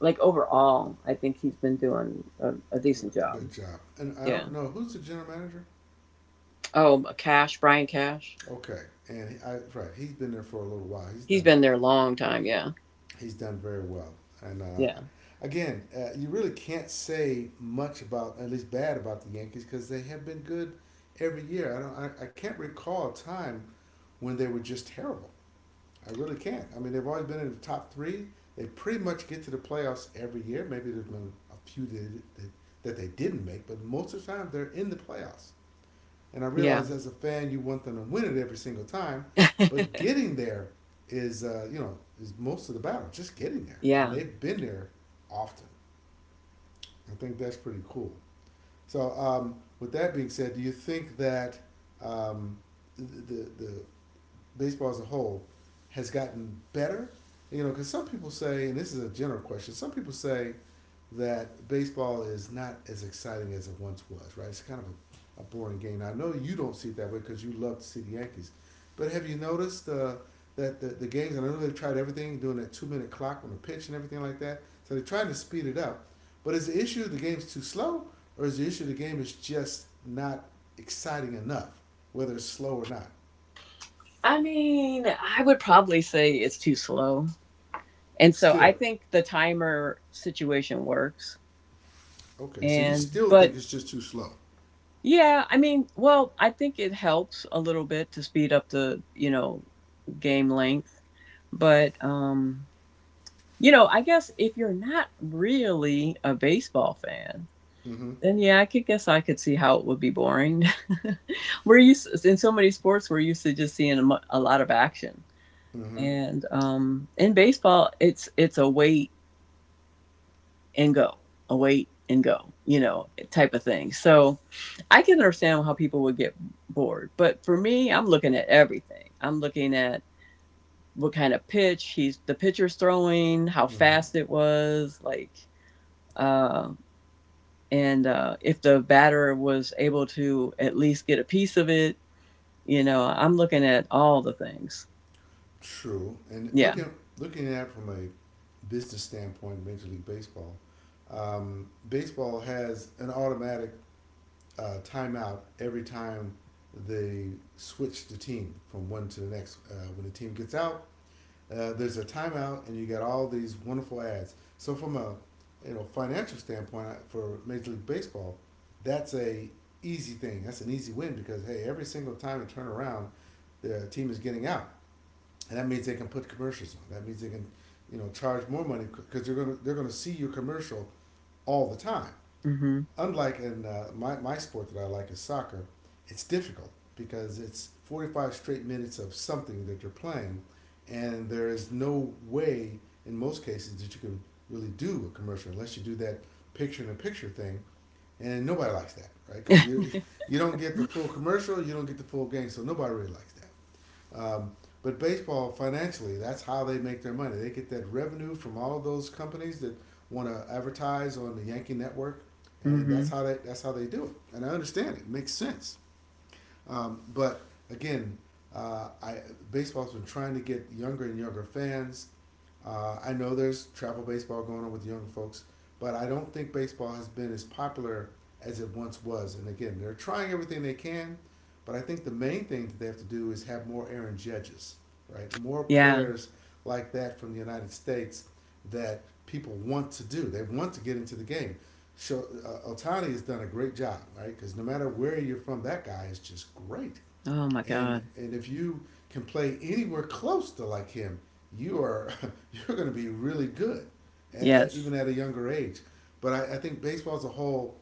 like overall, I think he's been doing a decent job. Good job. And I Yeah. don't know who's the general manager. Oh, Brian Cash, Okay, and he, I, right, he's been there for a little while. He's been there a long time. Yeah. He's done very well. And Yeah. again, you really can't say much about, at least bad about the Yankees, because they have been good every year. I don't, I can't recall a time when they were just terrible. I really can't. I mean, they've always been in the top three. They pretty much get to the playoffs every year. Maybe there's been a few that they didn't make, but most of the time they're in the playoffs. And I Yeah. realize as a fan, you want them to win it every single time, but getting there is is most of the battle. Just getting there, and yeah. they've been there often. I think that's pretty cool. So with that being said, do you think that um, the baseball as a whole has gotten better? You know, because some people say, and this is a general question. Some people say that baseball is not as exciting as it once was, right? It's kind of a boring game. Now, I know you don't see it that way because you love to see the Yankees, but have you noticed that the games, and I know they've tried everything, doing that two-minute clock on the pitch and everything like that, so they're trying to speed it up. But is the issue the game's too slow, or is the issue the game is just not exciting enough, whether it's slow or not? I mean, I would probably say it's too slow, and so I Still. think the timer situation works. Okay, so you And still think but it's just too slow. Yeah, I mean, well, I think it helps a little bit to speed up the, game length. But you know, I guess if you're not really a baseball fan, Mm hmm. then yeah, I could see how it would be boring. We're used in so many sports, we're used to just seeing a lot of action. Mm hmm. And in baseball, it's a wait and go await and go you know type of thing so I can understand how people would get bored but for me I'm looking at everything I'm looking at what kind of pitch he's the pitcher's throwing how Mm hmm. fast it was like um and if the batter was able to at least get a piece of it you know I'm looking at all the things True, and yeah looking at it from a business standpoint, Major League Baseball, baseball has an automatic timeout every time they switch the team from one to the next. When the team gets out, there's a timeout, and you got all these wonderful ads. So from a financial standpoint for Major League Baseball, that's a easy thing. That's an easy win because hey, every single time they turn around, the team is getting out, and that means they can put commercials on. That means they can, charge more money because they're gonna see your commercial all the time. mm-hmm Unlike in my sport that I like is soccer, it's difficult because it's 45 straight minutes of something that you're playing, and there is no way in most cases that you can really do a commercial unless you do that picture in a picture thing, and nobody likes that, right? Because you don't get the full commercial, you don't get the full game, so nobody really likes that. Um, but baseball, financially, that's how they make their money. They get that revenue from all of those companies that want to advertise on the Yankee Network, and that's mm-hmm how they that's how they do it. And I understand it, it makes sense. But again, I baseball's been trying to get younger and younger fans. I know there's travel baseball going on with the younger folks, but I don't think baseball has been as popular as it once was. And again, they're trying everything they can, but I think the main thing that they have to do is have more Aaron Judges, right? More yeah players like that from the United States that people want to do. They want to get into the game show Otani has done a great job, right? Because no matter where you're from, that guy is just great. oh my And god and if you can play anywhere close to like him, you are you're going to be really good, yes even at a younger age. But I think baseball as a whole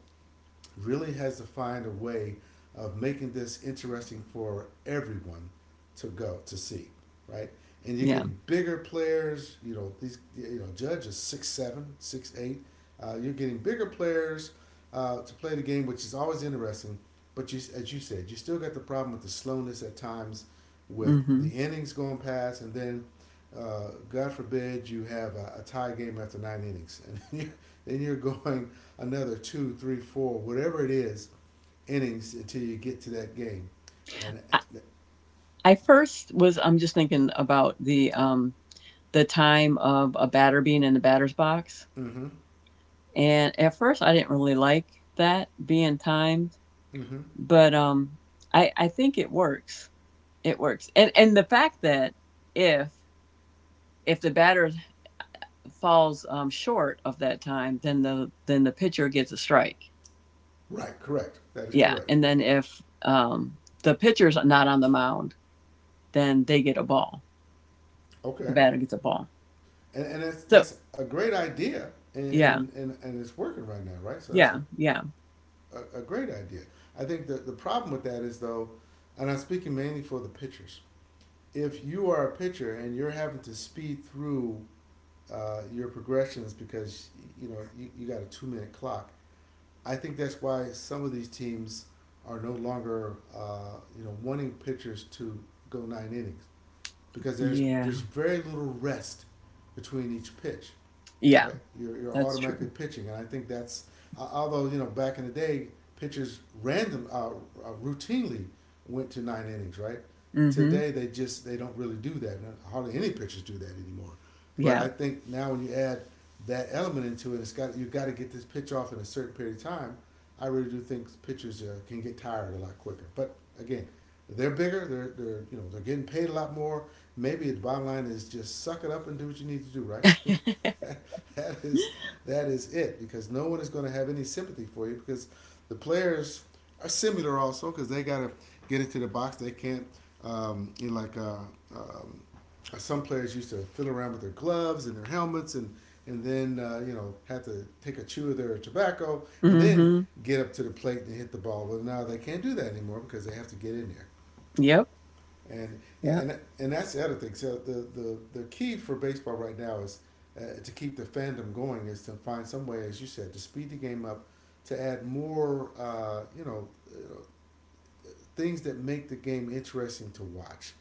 really has to find a way of making this interesting for everyone to go to see, right? And you're yeah getting bigger players. You know these. You know Judge is 6'7", 6'8". You're getting bigger players to play the game, which is always interesting. But you, as you said, you still got the problem with the slowness at times, with the mm-hmm innings going past, and then, God forbid, you have a tie game after nine innings, and then you're going another two, three, four, whatever it is, innings until you get to that game. And uh, I first was I'm just thinking about the time of a batter being in the batter's box. mm-hmm, And at first I didn't really like that being timed, mm-hmm. but I think it works. It works. And the fact that if if the batter falls short of that time, then then the pitcher gets a strike. Right, correct. That is Yeah, correct. and then if the pitcher's not on the mound, then they get a ball. The Okay, batter gets a ball. And that's So, that's a great idea, and yeah. and it's working right now, right? So that's a, Yeah, yeah. a great idea. I think the problem with that is though, and I'm speaking mainly for the pitchers. If you are a pitcher and you're having to speed through your progressions because you got a 2-minute clock I think that's why some of these teams are no longer, wanting pitchers to go nine innings because there's Yeah. there's very little rest between each pitch Yeah, right? You're that's automatically true. pitching, and I think that's although back in the day, pitchers random routinely went to nine innings, right? Mm-hmm. Today they don't really do that. Hardly any pitchers do that anymore. But Yeah. I think now when you add that element into it, it's got you've got to get this pitch off in a certain period of time. I really do think pitchers can get tired a lot quicker. But again, they're bigger. They're you know they're getting paid a lot more. Maybe the bottom line is just suck it up and do what you need to do. Right. that is that is it because no one is going to have any sympathy for you because the players are similar also because they got to get into the box. They can't like um, some players used to fiddle around with their gloves and their helmets and then have to take a chew of their tobacco and then mm-hmm. get up to the plate and hit the ball. Well, now they can't do that anymore because they have to get in there. Yep. And yeah, Yep. and that's the other thing. So the key for baseball right now is to keep the fandom going is to find some way, as you said, to speed the game up, to add more, things that make the game interesting to watch.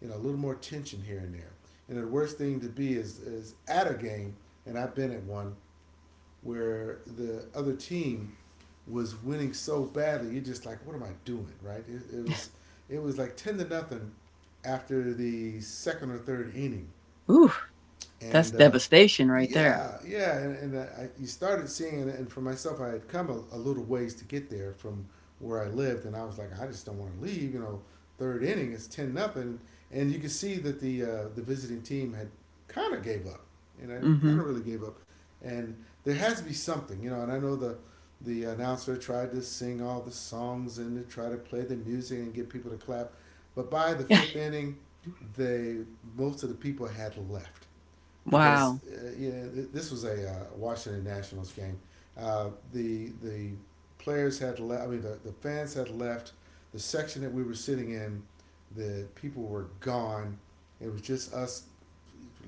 You know, a little more tension here and there. You know, the worst thing to be is at a game, and I've been at one where the other team was winning so badly. You're just like, what am I doing, right? It was like ten to nothing after the second or third inning, Ooh, that's and devastation right there. yeah, yeah, and, you started seeing it. And for myself, I had come a, little ways to get there from where I lived, and I was like, I just don't want to leave. Third inning, it's ten nothing, and you could see that the visiting team had kind of gave up, and I Mm-hmm. kind of really gave up, and there has to be something, you know. And I know the announcer tried to sing all the songs and to try to play the music and get people to clap, but by the fifth inning, they most of the people had left because Wow. This was a Washington Nationals game. The players had left. I mean, the fans had left. The section that we were sitting in, the people were gone. It was just us,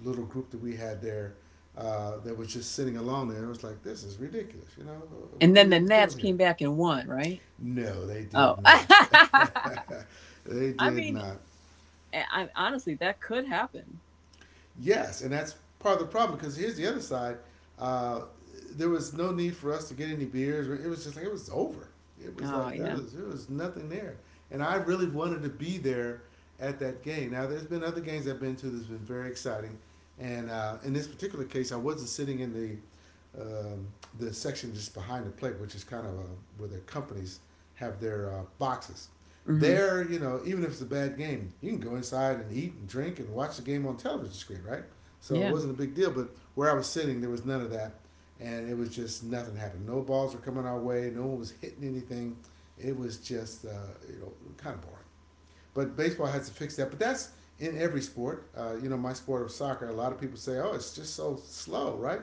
little group that we had there, that was just sitting alone there. It was like, this is ridiculous. And What are then we the even Nats doing here? came back and won, right? No, they Oh. did not. I they did mean, not. I, honestly, that could happen. Yes, and that's part of the problem because here's the other side. Uh, there was no need for us to get any beers. It was just like it was over. It was Oh, like there yeah. was, there was nothing there, and I really wanted to be there at that game. Now there's been other games I've been to that's been very exciting, and in this particular case, I wasn't sitting in um, the section just behind the plate, which is kind of where the companies have their boxes. Mm-hmm. There, even if it's a bad game, you can go inside and eat and drink and watch the game on television screen, right? So it Yeah. wasn't a big deal. But where I was sitting, there was none of that, and it was just nothing happened. No balls were coming our way. No one was hitting anything. It was just, you know, kind of boring. But baseball has to fix that. But that's in every sport. My sport of soccer, a lot of people say, oh, it's just so slow, right?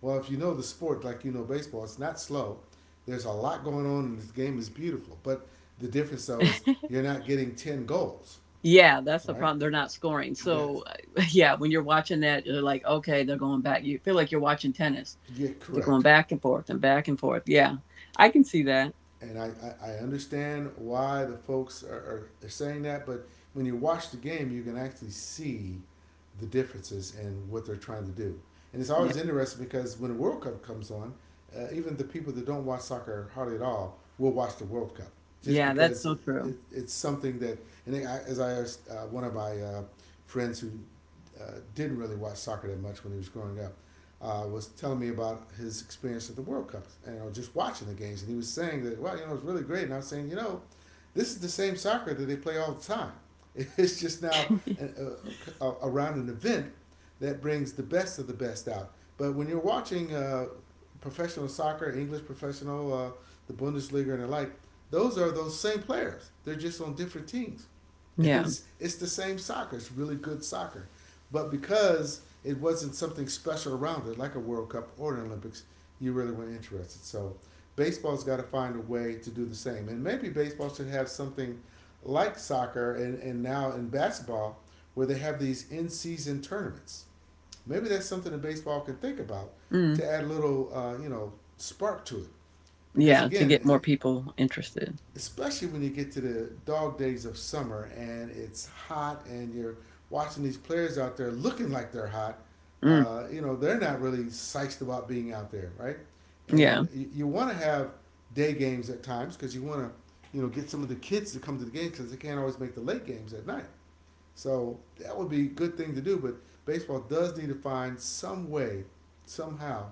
Well, if you know the sport like you know baseball, it's not slow. There's a lot going on, and this game is beautiful. But the difference, though, is you're not getting 10 goals, yeah, that's the all right? problem. They're not scoring. That's, So, yeah, when you're watching that, you're like, okay, they're going back. You feel like you're watching tennis. you're They're going correct. back and forth and back and forth. Yeah, I can see that. And I, I understand why the folks are, saying that, but when you watch the game, you can actually see the differences in what they're trying to do. And it's Yeah, always interesting because when the World Cup comes on, even the people that don't watch soccer hardly at all will watch the World Cup just yeah, that's because so it, true. it, it's something that, and I, as I asked one of my friends who didn't really watch soccer that much when he was growing up, was telling me about his experience at the World Cup and just watching the games. And he was saying that, well, it's really great. And I was saying, this is the same soccer that they play all the time. It's just now an, around an event that brings the best of the best out. But when you're watching professional soccer, English professional, the Bundesliga, and the like, those are those same players. They're just on different teams. And Yeah, it's the same soccer. It's really good soccer. But because it wasn't something special around it, like a World Cup or an Olympics, you really weren't interested. So baseball's got to find a way to do the same. And maybe baseball should have something like soccer and, now in basketball where they have these in season tournaments. Maybe that's something that baseball can think about mm. to add a little, spark to it. Because yeah, to get more again, people interested. especially when you get to the dog days of summer and it's hot and you're watching these players out there looking like they're hot, Mm. They're not really psyched about being out there, right? And Yeah, you want to have day games at times because you want to, you know, get some of the kids to come to the game because they can't always make the late games at night. So that would be a good thing to do, but baseball does need to find some way, somehow,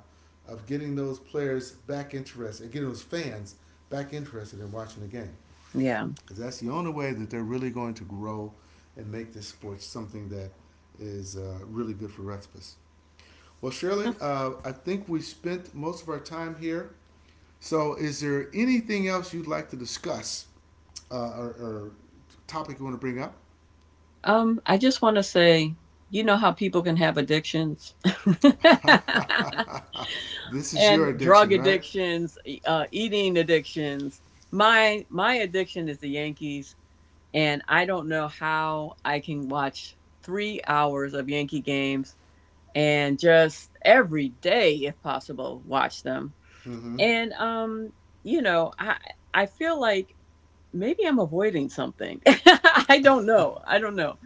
of getting those players back interested, getting those fans back interested in watching the game. yeah. Because that's the only way that they're really going to grow and make this sport something that is really good for Recipes. Well, Shirley, I think we spent most of our time here. So, is there anything else you'd like to discuss or topic you want to bring up? I just want to say, you know how people can have addictions This is your and drug addiction, right? addictions, eating addictions. My addiction is the Yankees, and I don't know how I can watch 3 hours of Yankee games and just every day if possible watch them Mm-hmm. and you know i i feel like maybe I'm avoiding something I don't know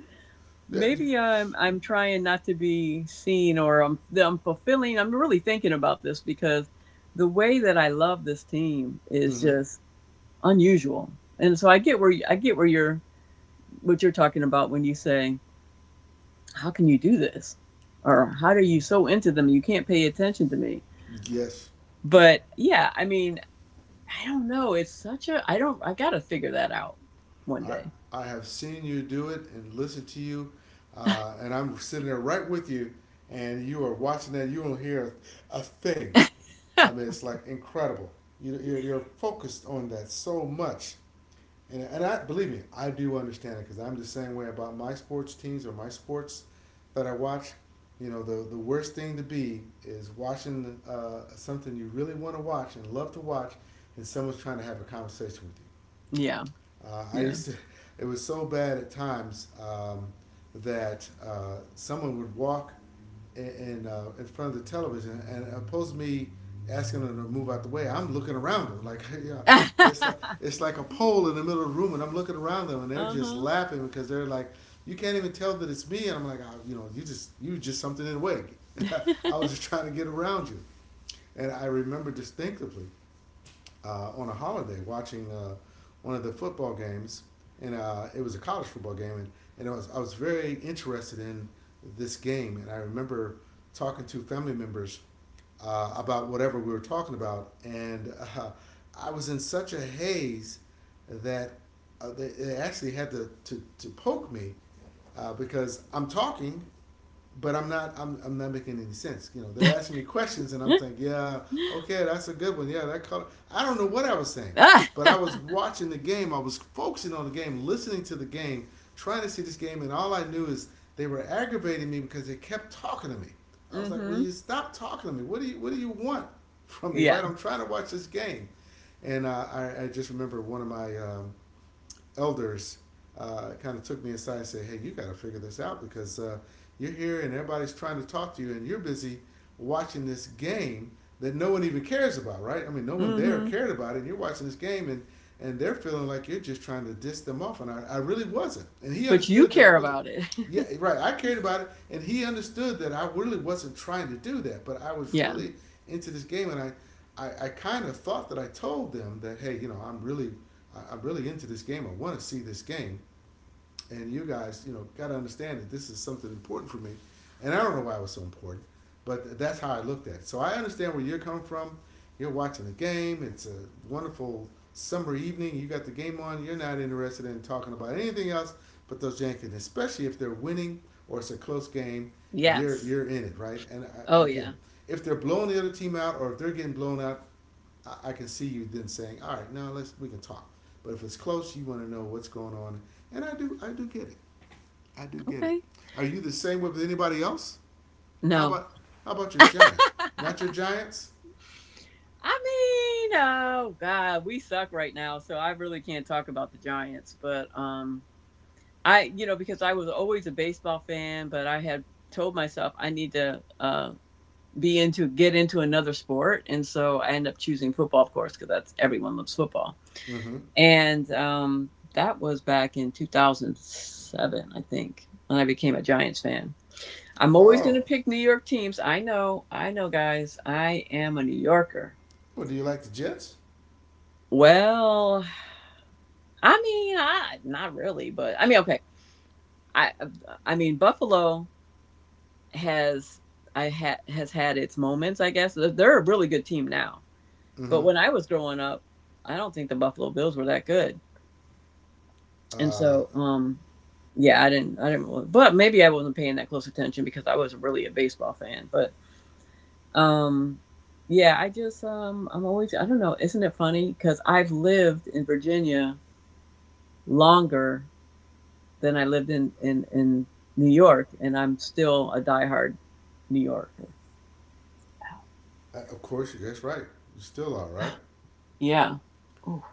Yeah. maybe i'm trying not to be seen or I'm fulfilling I'm really thinking about this because the way that I love this team is Mm-hmm. just unusual and so I get where you're what you're talking about when you say how can you do this or how are you so into them you can't pay attention to me Yes. But yeah, I mean, I don't know. It's such a I don't I gotta figure that out one I day. I have seen you do it and listened to you, and I'm sitting there right with you, and you are watching that. You don't hear a thing. I mean, it's like incredible. You're focused on that so much, and I believe me, I do understand it because I'm the same way about my sports teams or my sports that I watch. You know, the worst thing to be is watching something you really want to watch and love to watch, and someone's trying to have a conversation with you. yeah, Uh, I yeah. used to, it was so bad at times that someone would walk in front of the television and oppose me asking them to move out the way. I'm looking around them like, yeah, uh-huh. it's like a pole in the middle of the room, and I'm looking around them, and they're just laughing because they're like, you can't even tell that it's me, and I'm like, oh, you know, you just something in the way. I was just trying to get around you, and I remember distinctively on a holiday watching one of the football games, and it was a college football game, and I was very interested in this game, and I remember talking to family members about whatever we were talking about, and I was in such a haze that they actually had to, to poke me because I'm talking but I'm not making any sense. You know, they're asking me questions and I'm thinking, yeah, okay, that's a good one. Yeah, that color. I don't know what I was saying, ah, but I was watching the game. I was focusing on the game, listening to the game, trying to see this game, and all I knew is they were aggravating me because they kept talking to me. I was like, will mm-hmm. you stop talking to me? What do you want from me? Right? Yeah. I'm trying to watch this game, and I just remember one of my elders kind of took me aside and said, "Hey, you got to figure this out because you're here and everybody's trying to talk to you, and you're busy watching this game that no one even cares about, right? I mean, no one there Mm-hmm. cared about it, and you're watching this game, and they're feeling like you're just trying to diss them off, and I really wasn't. And he But you understood that I care wasn't. about it. Yeah, right. I cared about it, and he understood that I really wasn't trying to do that, but I was yeah. really into this game, and I kind of thought that I told them that, hey, you know, I am really into this game. I want to see this game. And you guys, you know, got to understand that this is something important for me. And I don't know why it was so important, but that's how I looked at it. So I understand where you're coming from. You're watching the game. It's a wonderful summer evening. You got the game on. You're not interested in talking about anything else but those Yankees, especially if they're winning or it's a close game. You're Yes. you're in it, right? And I, Oh again, yeah. if they're blowing the other team out or if they're getting blown out, I can see you then saying, all right, now let's we can talk. But if it's close, you want to know what's going on, and I do. I do get it. I do get it. Okay. Are you the same way with anybody else? How No. about how about your Giants? Not your Giants? I mean, oh God, we suck right now, so I really can't talk about the Giants, but you know, because I was always a baseball fan, but I had told myself I need to be into get into another sport, and so I ended up choosing football, of course, because that's everyone loves football. Mm-hmm. And that was back in 2007, I think, when I became a Giants fan. I'm always going Oh, to pick New York teams. I know, guys. I am a New Yorker. well, do you like the Jets? Well, I mean, I, not really, but I mean, okay. I, I mean, Buffalo has I had has had its moments, I guess. They're a really good team now. Mm-hmm. But when I was growing up, I don't think the Buffalo Bills were that good. And Uh, so yeah, I didn't really, but maybe I wasn't paying that close attention because I wasn't really a baseball fan, but um yeah, I'm always I don't know, isn't it funny cuz I've lived in Virginia longer than I lived in New York and I'm still a diehard New Yorker. of course, that's right. You still are, right? Yeah.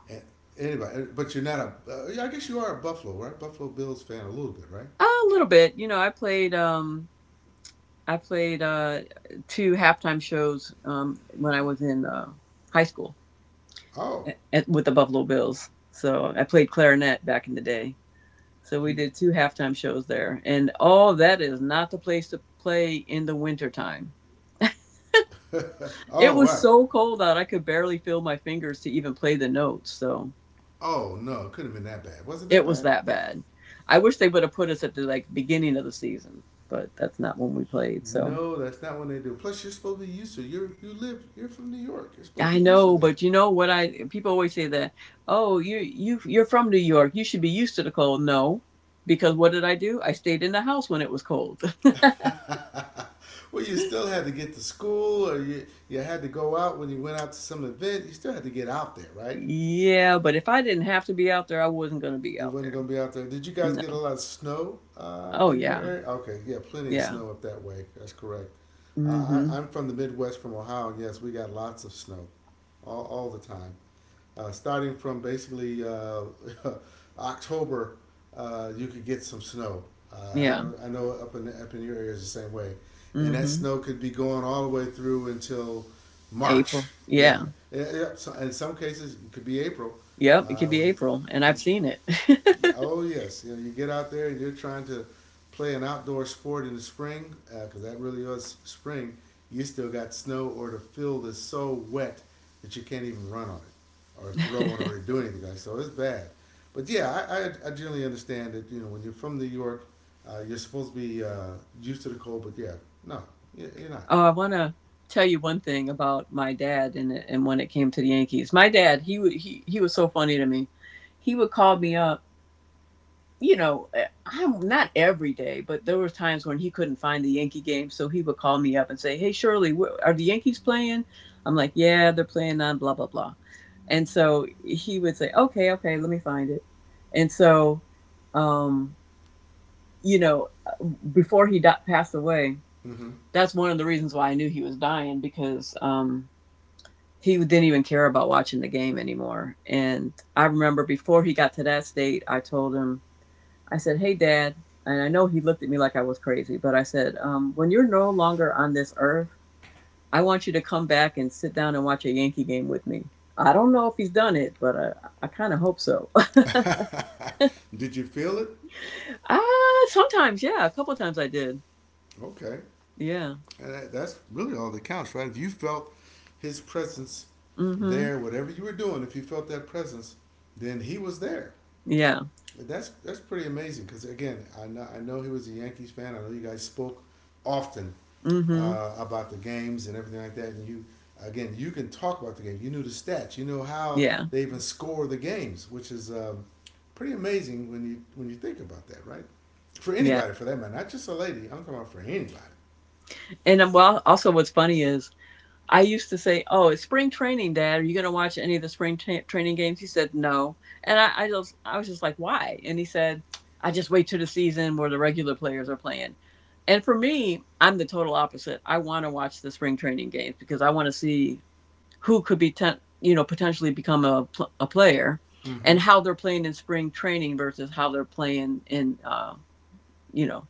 And anybody, but you're not a. Yeah, I guess you are a Buffalo, right? Buffalo Bills fan a little bit, right? A little bit. You know, I played two halftime shows when I was in high school Oh, with the Buffalo Bills. So I played clarinet back in the day. So we you. did two halftime shows there. And oh, that is not the place to play in the wintertime. It Oh, was what? so cold out I could barely feel my fingers to even play the notes. So Oh no, it couldn't have been that bad. Was it that it was bad? that bad. I wish they would have put us at the like beginning of the season, but that's not when we played. So No, that's not what they do. Plus, you're supposed to be used to you. You live. You're from New York. You're supposed to I be used to know, but you know what I people always say that, "Oh, you're from New York. You should be used to the cold." No, because what did I do? I stayed in the house when it was cold. that. Well, you still had to get to school, or you had to go out when you went out to some event. You still had to get out there, right? yeah, but if I didn't have to be out there, I wasn't going to be You out weren't there. going to be out there. Did you guys No. get a lot of snow Oh in your yeah. area? Okay, yeah, plenty of Yeah. snow up that way. That's correct. mm Uh, I, Mhm. I'm from the Midwest, from Ohio, and yes, we got lots of snow, all the time. Starting from basically October, you could get some snow. Uh, and I Yeah. know, I know up in up in your area is the same way, and mm that Mhm. snow could be going all the way through until March. April. Yeah, Yeah. so- in some cases it could be April. Yep, it Uh, could be when, you, April, and I've when seen it. oh yes, you know you get out there and you're trying to play an outdoor sport in the spring because that really is spring. You still got snow or the field is so wet that you can't even run on it or throw on it or do anything like that. So. It's bad. But yeah, I generally understand that you know when you're from New York, you're supposed to be used to the cold. But yeah, no, you- you're not. Oh, I want to tell you one thing about my dad and when it came to the Yankees. My dad, he would he was so funny to me. He would call me up, you know, I'm not every day, but there were times when he couldn't find the Yankee game, so he would call me up and say, "Hey Shirley, are the Yankees playing?" I'm like, "Yeah, they're playing on blah blah blah." And so he would say, "Okay, okay, let me find it." And so um you know, uh, before he passed away, Mm-hmm. that's one of the reasons why I knew he was dying because he didn't even care about watching the game anymore. And I remember before he got to that state, I told him, I said, "Hey, Dad," and I know he looked at me like I was crazy, but I said, "When you're no longer on this earth, I want you to come back and sit down and watch a Yankee game with me." I don't know if he's done it, but I kind of hope so. Did you feel it? Ah, sometimes, yeah, a couple of times I did. Okay. Yeah. And that's really all that counts, right? If you felt his presence Mm-hmm. there, whatever you were doing, if you felt that presence, then he was there. Yeah. That's pretty amazing because again, I know he was a Yankees fan. I know you guys spoke often Mm-hmm. About the games and everything like that. And you again, you can talk about the game. You knew the stats. You know how Yeah. they even score the games, which is pretty amazing when you think about that, right? For Yeah. anybody, for that matter, not just a lady. I'm talking about for anybody. And well, also what's funny is I used to say, "Oh, it's spring training, Dad. Are you going to watch any of the spring training games?" He said, "No," and I just, I was just like, "Why?" And he said, "I just wait till the season where the regular players are playing." And for me, I'm the total opposite. I want to watch the spring training games because I want to see who could be, you know, potentially become a a player, Mm-hmm. and how they're playing in spring training versus how they're playing in, you know,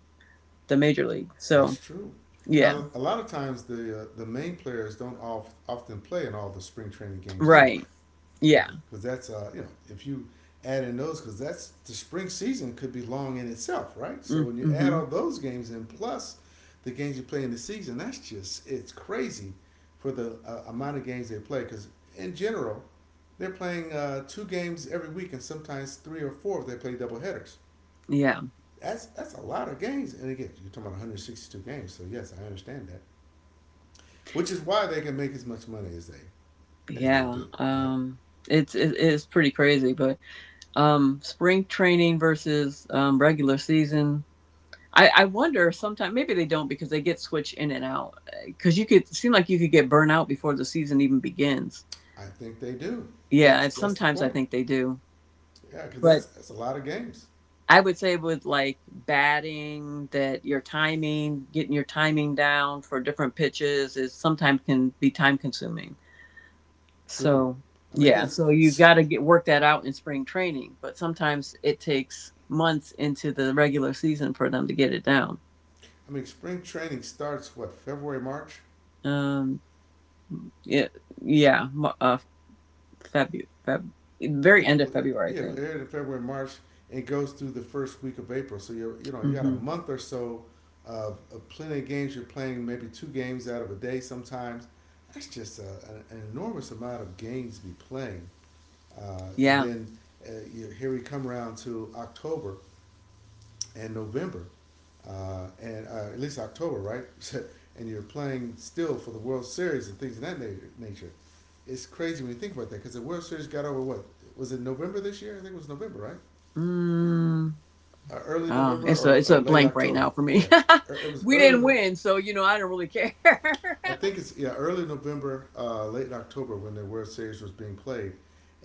the major league. So That's true. yeah, Now, a lot of times the main players don't off, often play in all the spring training games right, anyway. yeah. Okay. Because that's you know if you add in those because that's the spring season could be long in itself, right? So Mm, when you add mhm. all those games in plus the games you play in the season, that's just it's crazy for the amount of games they play. Because in general, they're playing 2 games every week and sometimes 3 or 4 if they play double headers. Yeah. That's a lot of games. And again, you're talking about 162 games. So yes, I understand that. Which is why they can make as much money as they Yeah. do, right? It's pretty crazy, but spring training versus regular season. I wonder sometimes maybe they don't because they get switched in and out cuz you could seem like you could get burnt out before the season even begins. I think they do. Yeah, That's and that's the sometimes I point. think they do. Yeah, because that's But that's a lot of games. I would say with like batting that your timing, getting your timing down for different pitches is sometimes can be time consuming. True. So, I mean, yeah, because so you've got to get work that out in spring training, but sometimes it takes months into the regular season for them to get it down. I mean, spring training starts what February March. Um, yeah, yeah, uh, February, Feb, I very think end of February, I yeah, it think. aired in February, March, and it goes through the first week of April. So you know you got a Hmm. month or so of plenty of games. You're playing maybe 2 games out of a day sometimes. That's just an enormous amount of games to be playing. Uh, and Yeah. then here we come around to October, and November, and at least October, right? And you're playing still for the World Series and things of that nature. It's crazy when you think about that because the World Series got over what was it November this year? I think it was November, right? Mm. Early Oh, November or, it's or a late blank right October? now for me. Yeah. It was We early. didn't No- win, so you know I don't really care. I think it's early November, late October when the World Series was being played,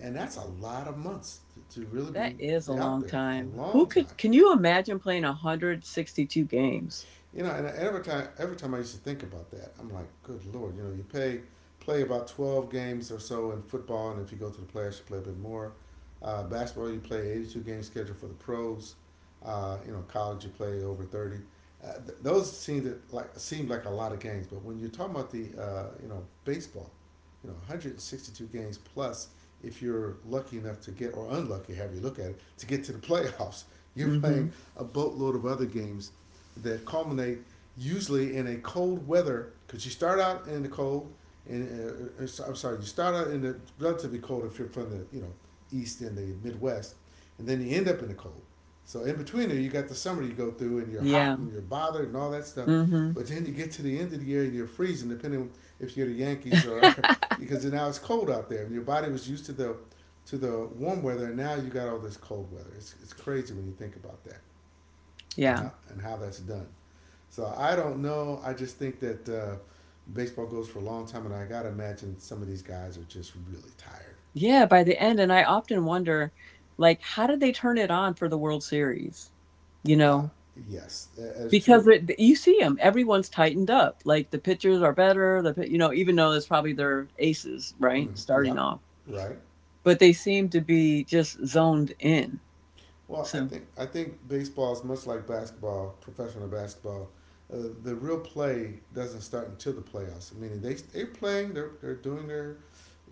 and that's a lot of months to really that is a be out long there a time. Who long time. could? Can you imagine playing 162 games? And every time I used to think about that, I'm like, good lord, you pay play about 12 games or so in football, and if you go to the playoffs, you play a bit more. Basketball, you play 82 game schedule for the pros. College, you play over 30. Those seemed like a lot of games, but when you're talking about the you know baseball, 162 games plus, if you're lucky enough to get, or unlucky, however you look at it, to get to the playoffs, you're Hmm. playing a boatload of other games that culminate usually in a cold weather because you start out in the cold and I'm sorry, you start out in the relatively cold if you're from the east and the Midwest, and then you end up in the cold. So in between there, you got the summer you go through, and you're Yeah. hot and you're bothered and all that stuff. Mm-hmm. But then you get to the end of the year and you're freezing, depending on if you're the Yankees or because now it's cold out there. And your body was used to the warm weather, and now you got all this cold weather. It's crazy when you think about that and Yeah. how that's done. So I don't know. I just think that baseball goes for a long time, and I gotta imagine some of these guys are just really tired. Yeah, by the end. And I often wonder, like, how did they turn it on for the World Series? You Uh, know, yes, that's true. because you see them, everyone's tightened up. Like, the pitchers are better, the, you know, even though it's probably their aces, right? Yeah, Starting off. right. But they seem to be just zoned in. Well, I So, think I think baseball is much like basketball, professional basketball. Uh, the real play doesn't start until the playoffs. Meaning they're playing, they're doing their,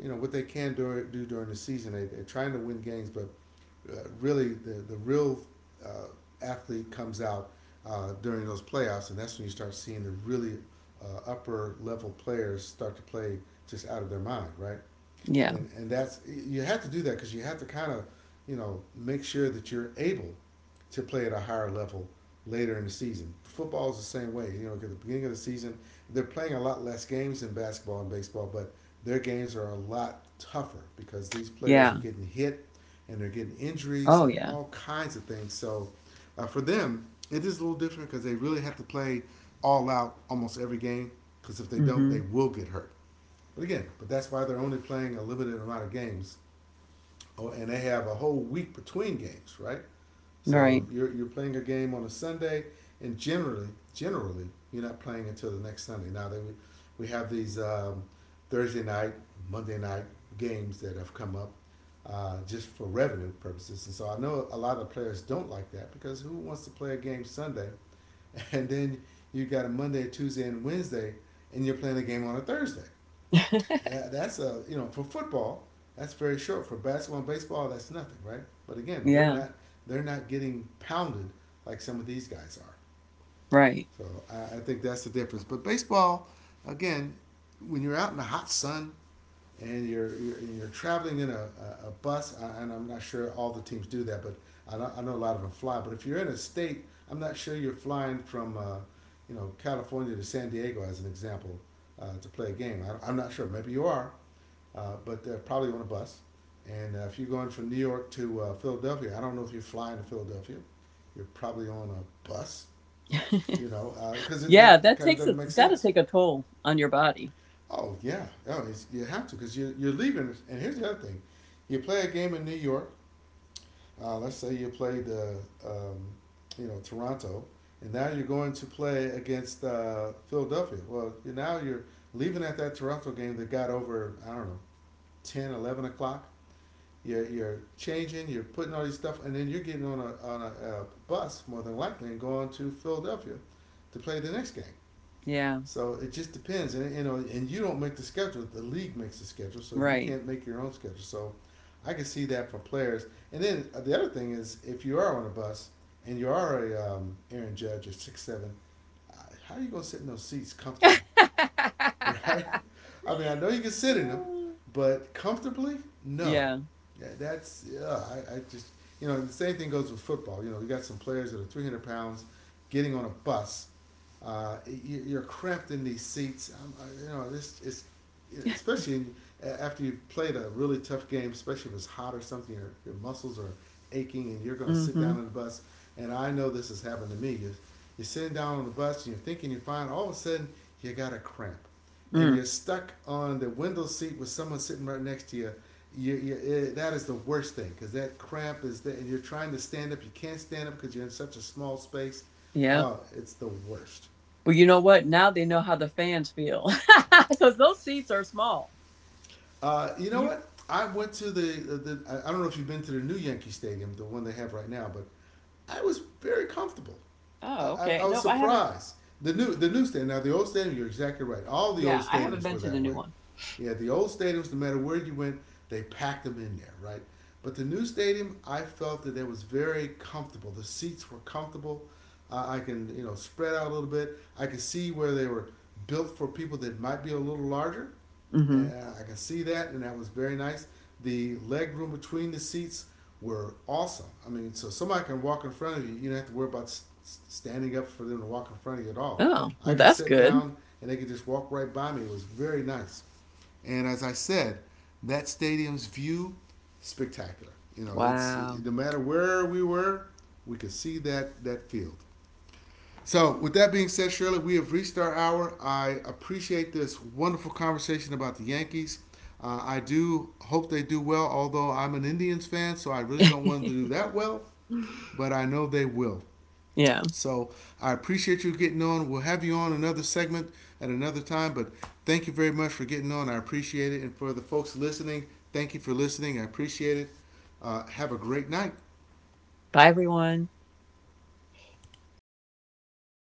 you know, what they can do during the season. They're trying to win games, but really the real uh, athlete comes out during those playoffs, and that's when you start seeing the really upper level players start to play just out of their mind, right? yeah. And that's, you have to do that because you have to kind of make sure that you're able to play at a higher level later in the season. Football is the same way. You know, at the beginning of the season, they're playing a lot less games than basketball and baseball, but their games are a lot tougher because these players are Yeah. getting hit and they're getting injuries Oh, and yeah. all kinds of things. So for them, it is a little different because they really have to play all out almost every game because if they don't, Mm-hmm. they will get hurt. But again, but that's why they're only playing a limited amount of games. Oh, and they have a whole week between games, right? So Right. you're playing a game on a Sunday, and generally, you're not playing until the next Sunday. Now that we have these Thursday night, Monday night games that have come up just for revenue purposes, and so I know a lot of the players don't like that because who wants to play a game Sunday, and then you got a Monday, Tuesday, and Wednesday, and you're playing a game on a Thursday that, that's a you know for football that's very short, for basketball and baseball that's nothing, right? But again, they're Yeah. not they're not getting pounded like some of these guys are. Right. So I think that's the difference, but baseball, again, when you're out in the hot sun and you're traveling in a bus, and I'm not sure all the teams do that, but I, don't, I know a lot of them fly, but if you're in a state, I'm not sure you're flying from California to San Diego as an example to play a game. I'm not sure, maybe you are, but they're probably on a bus. And if you're going from New York to Philadelphia, I don't know if you're flying to Philadelphia. You're probably on a bus, you know, because Yeah. that it That kind of takes doesn't make it's got to sense. take a toll on your body. Oh yeah, you have to, because you're leaving. And here's the other thing: you play a game in New York. Let's say you played um, Toronto, and now you're going to play against Philadelphia. Well, now you're leaving at that Toronto game that got over, I don't know, 10, 11 o'clock. You're changing, you're putting all these stuff, and then you're getting on a bus, more than likely, and going to Philadelphia to play the next game. Yeah. So it just depends, and you know, and you don't make the schedule. The league makes the schedule, so you Right. can't make your own schedule. So I can see that for players. And then the other thing is, if you are on a bus and you are a Aaron Judge or 6'7", how are you gonna sit in those seats comfortably? Right? I mean, I know you can sit in them, but comfortably, no. Yeah. Yeah, that's yeah. I just the same thing goes with football. You know, you got some players that are 300 pounds getting on a bus. You're cramped in these seats. This is especially after you've played a really tough game, especially if it's hot or something, your muscles are aching, and you're going to sit Mm-hmm. down on the bus. And I know this has happened to me. You're sitting down on the bus and you're thinking you're fine. All of a sudden, you got a cramp and Mm. you're stuck on the window seat with someone sitting right next to you, that is the worst thing because that cramp is there, and you're trying to stand up. You can't stand up because you're in such a small space. Yeah. Oh, it's the worst. Well, you know what? Now they know how the fans feel because those seats are small. You know You. what? I went to the I don't know if you've been to the new Yankee Stadium, the one they have right now, but I was very comfortable. Oh, okay. I was Nope, I haven't. surprised. The new stadium, now the old stadium, you're exactly right. All the Yeah, old I haven't stadiums been were to the that new way. one. Yeah, the old stadiums, no matter where you went, they packed them in there, right? But the new stadium, I felt that it was very comfortable. The seats were comfortable. I can spread out a little bit. I could see where they were built for people that might be a little larger. Mm-hmm. And I can see that, and that was very nice. The leg room between the seats were awesome. I mean, so somebody can walk in front of you. You don't have to worry about standing up for them to walk in front of you at all. Oh, I well, could that's sit good. down and they could just walk right by me. It was very nice. And as I said, that stadium's view, spectacular. You know, it's Wow. no matter where we were, we could see that field. So, with that being said, Shirley, we have reached our hour. I appreciate this wonderful conversation about the Yankees. I do hope they do well, although I'm an Indians fan, so I really don't want them to do that well, but I know they will. Yeah. So I appreciate you getting on. We'll have you on another segment at another time, but thank you very much for getting on. I appreciate it. And for the folks listening, thank you for listening. I appreciate it. Have a great night. Bye, everyone.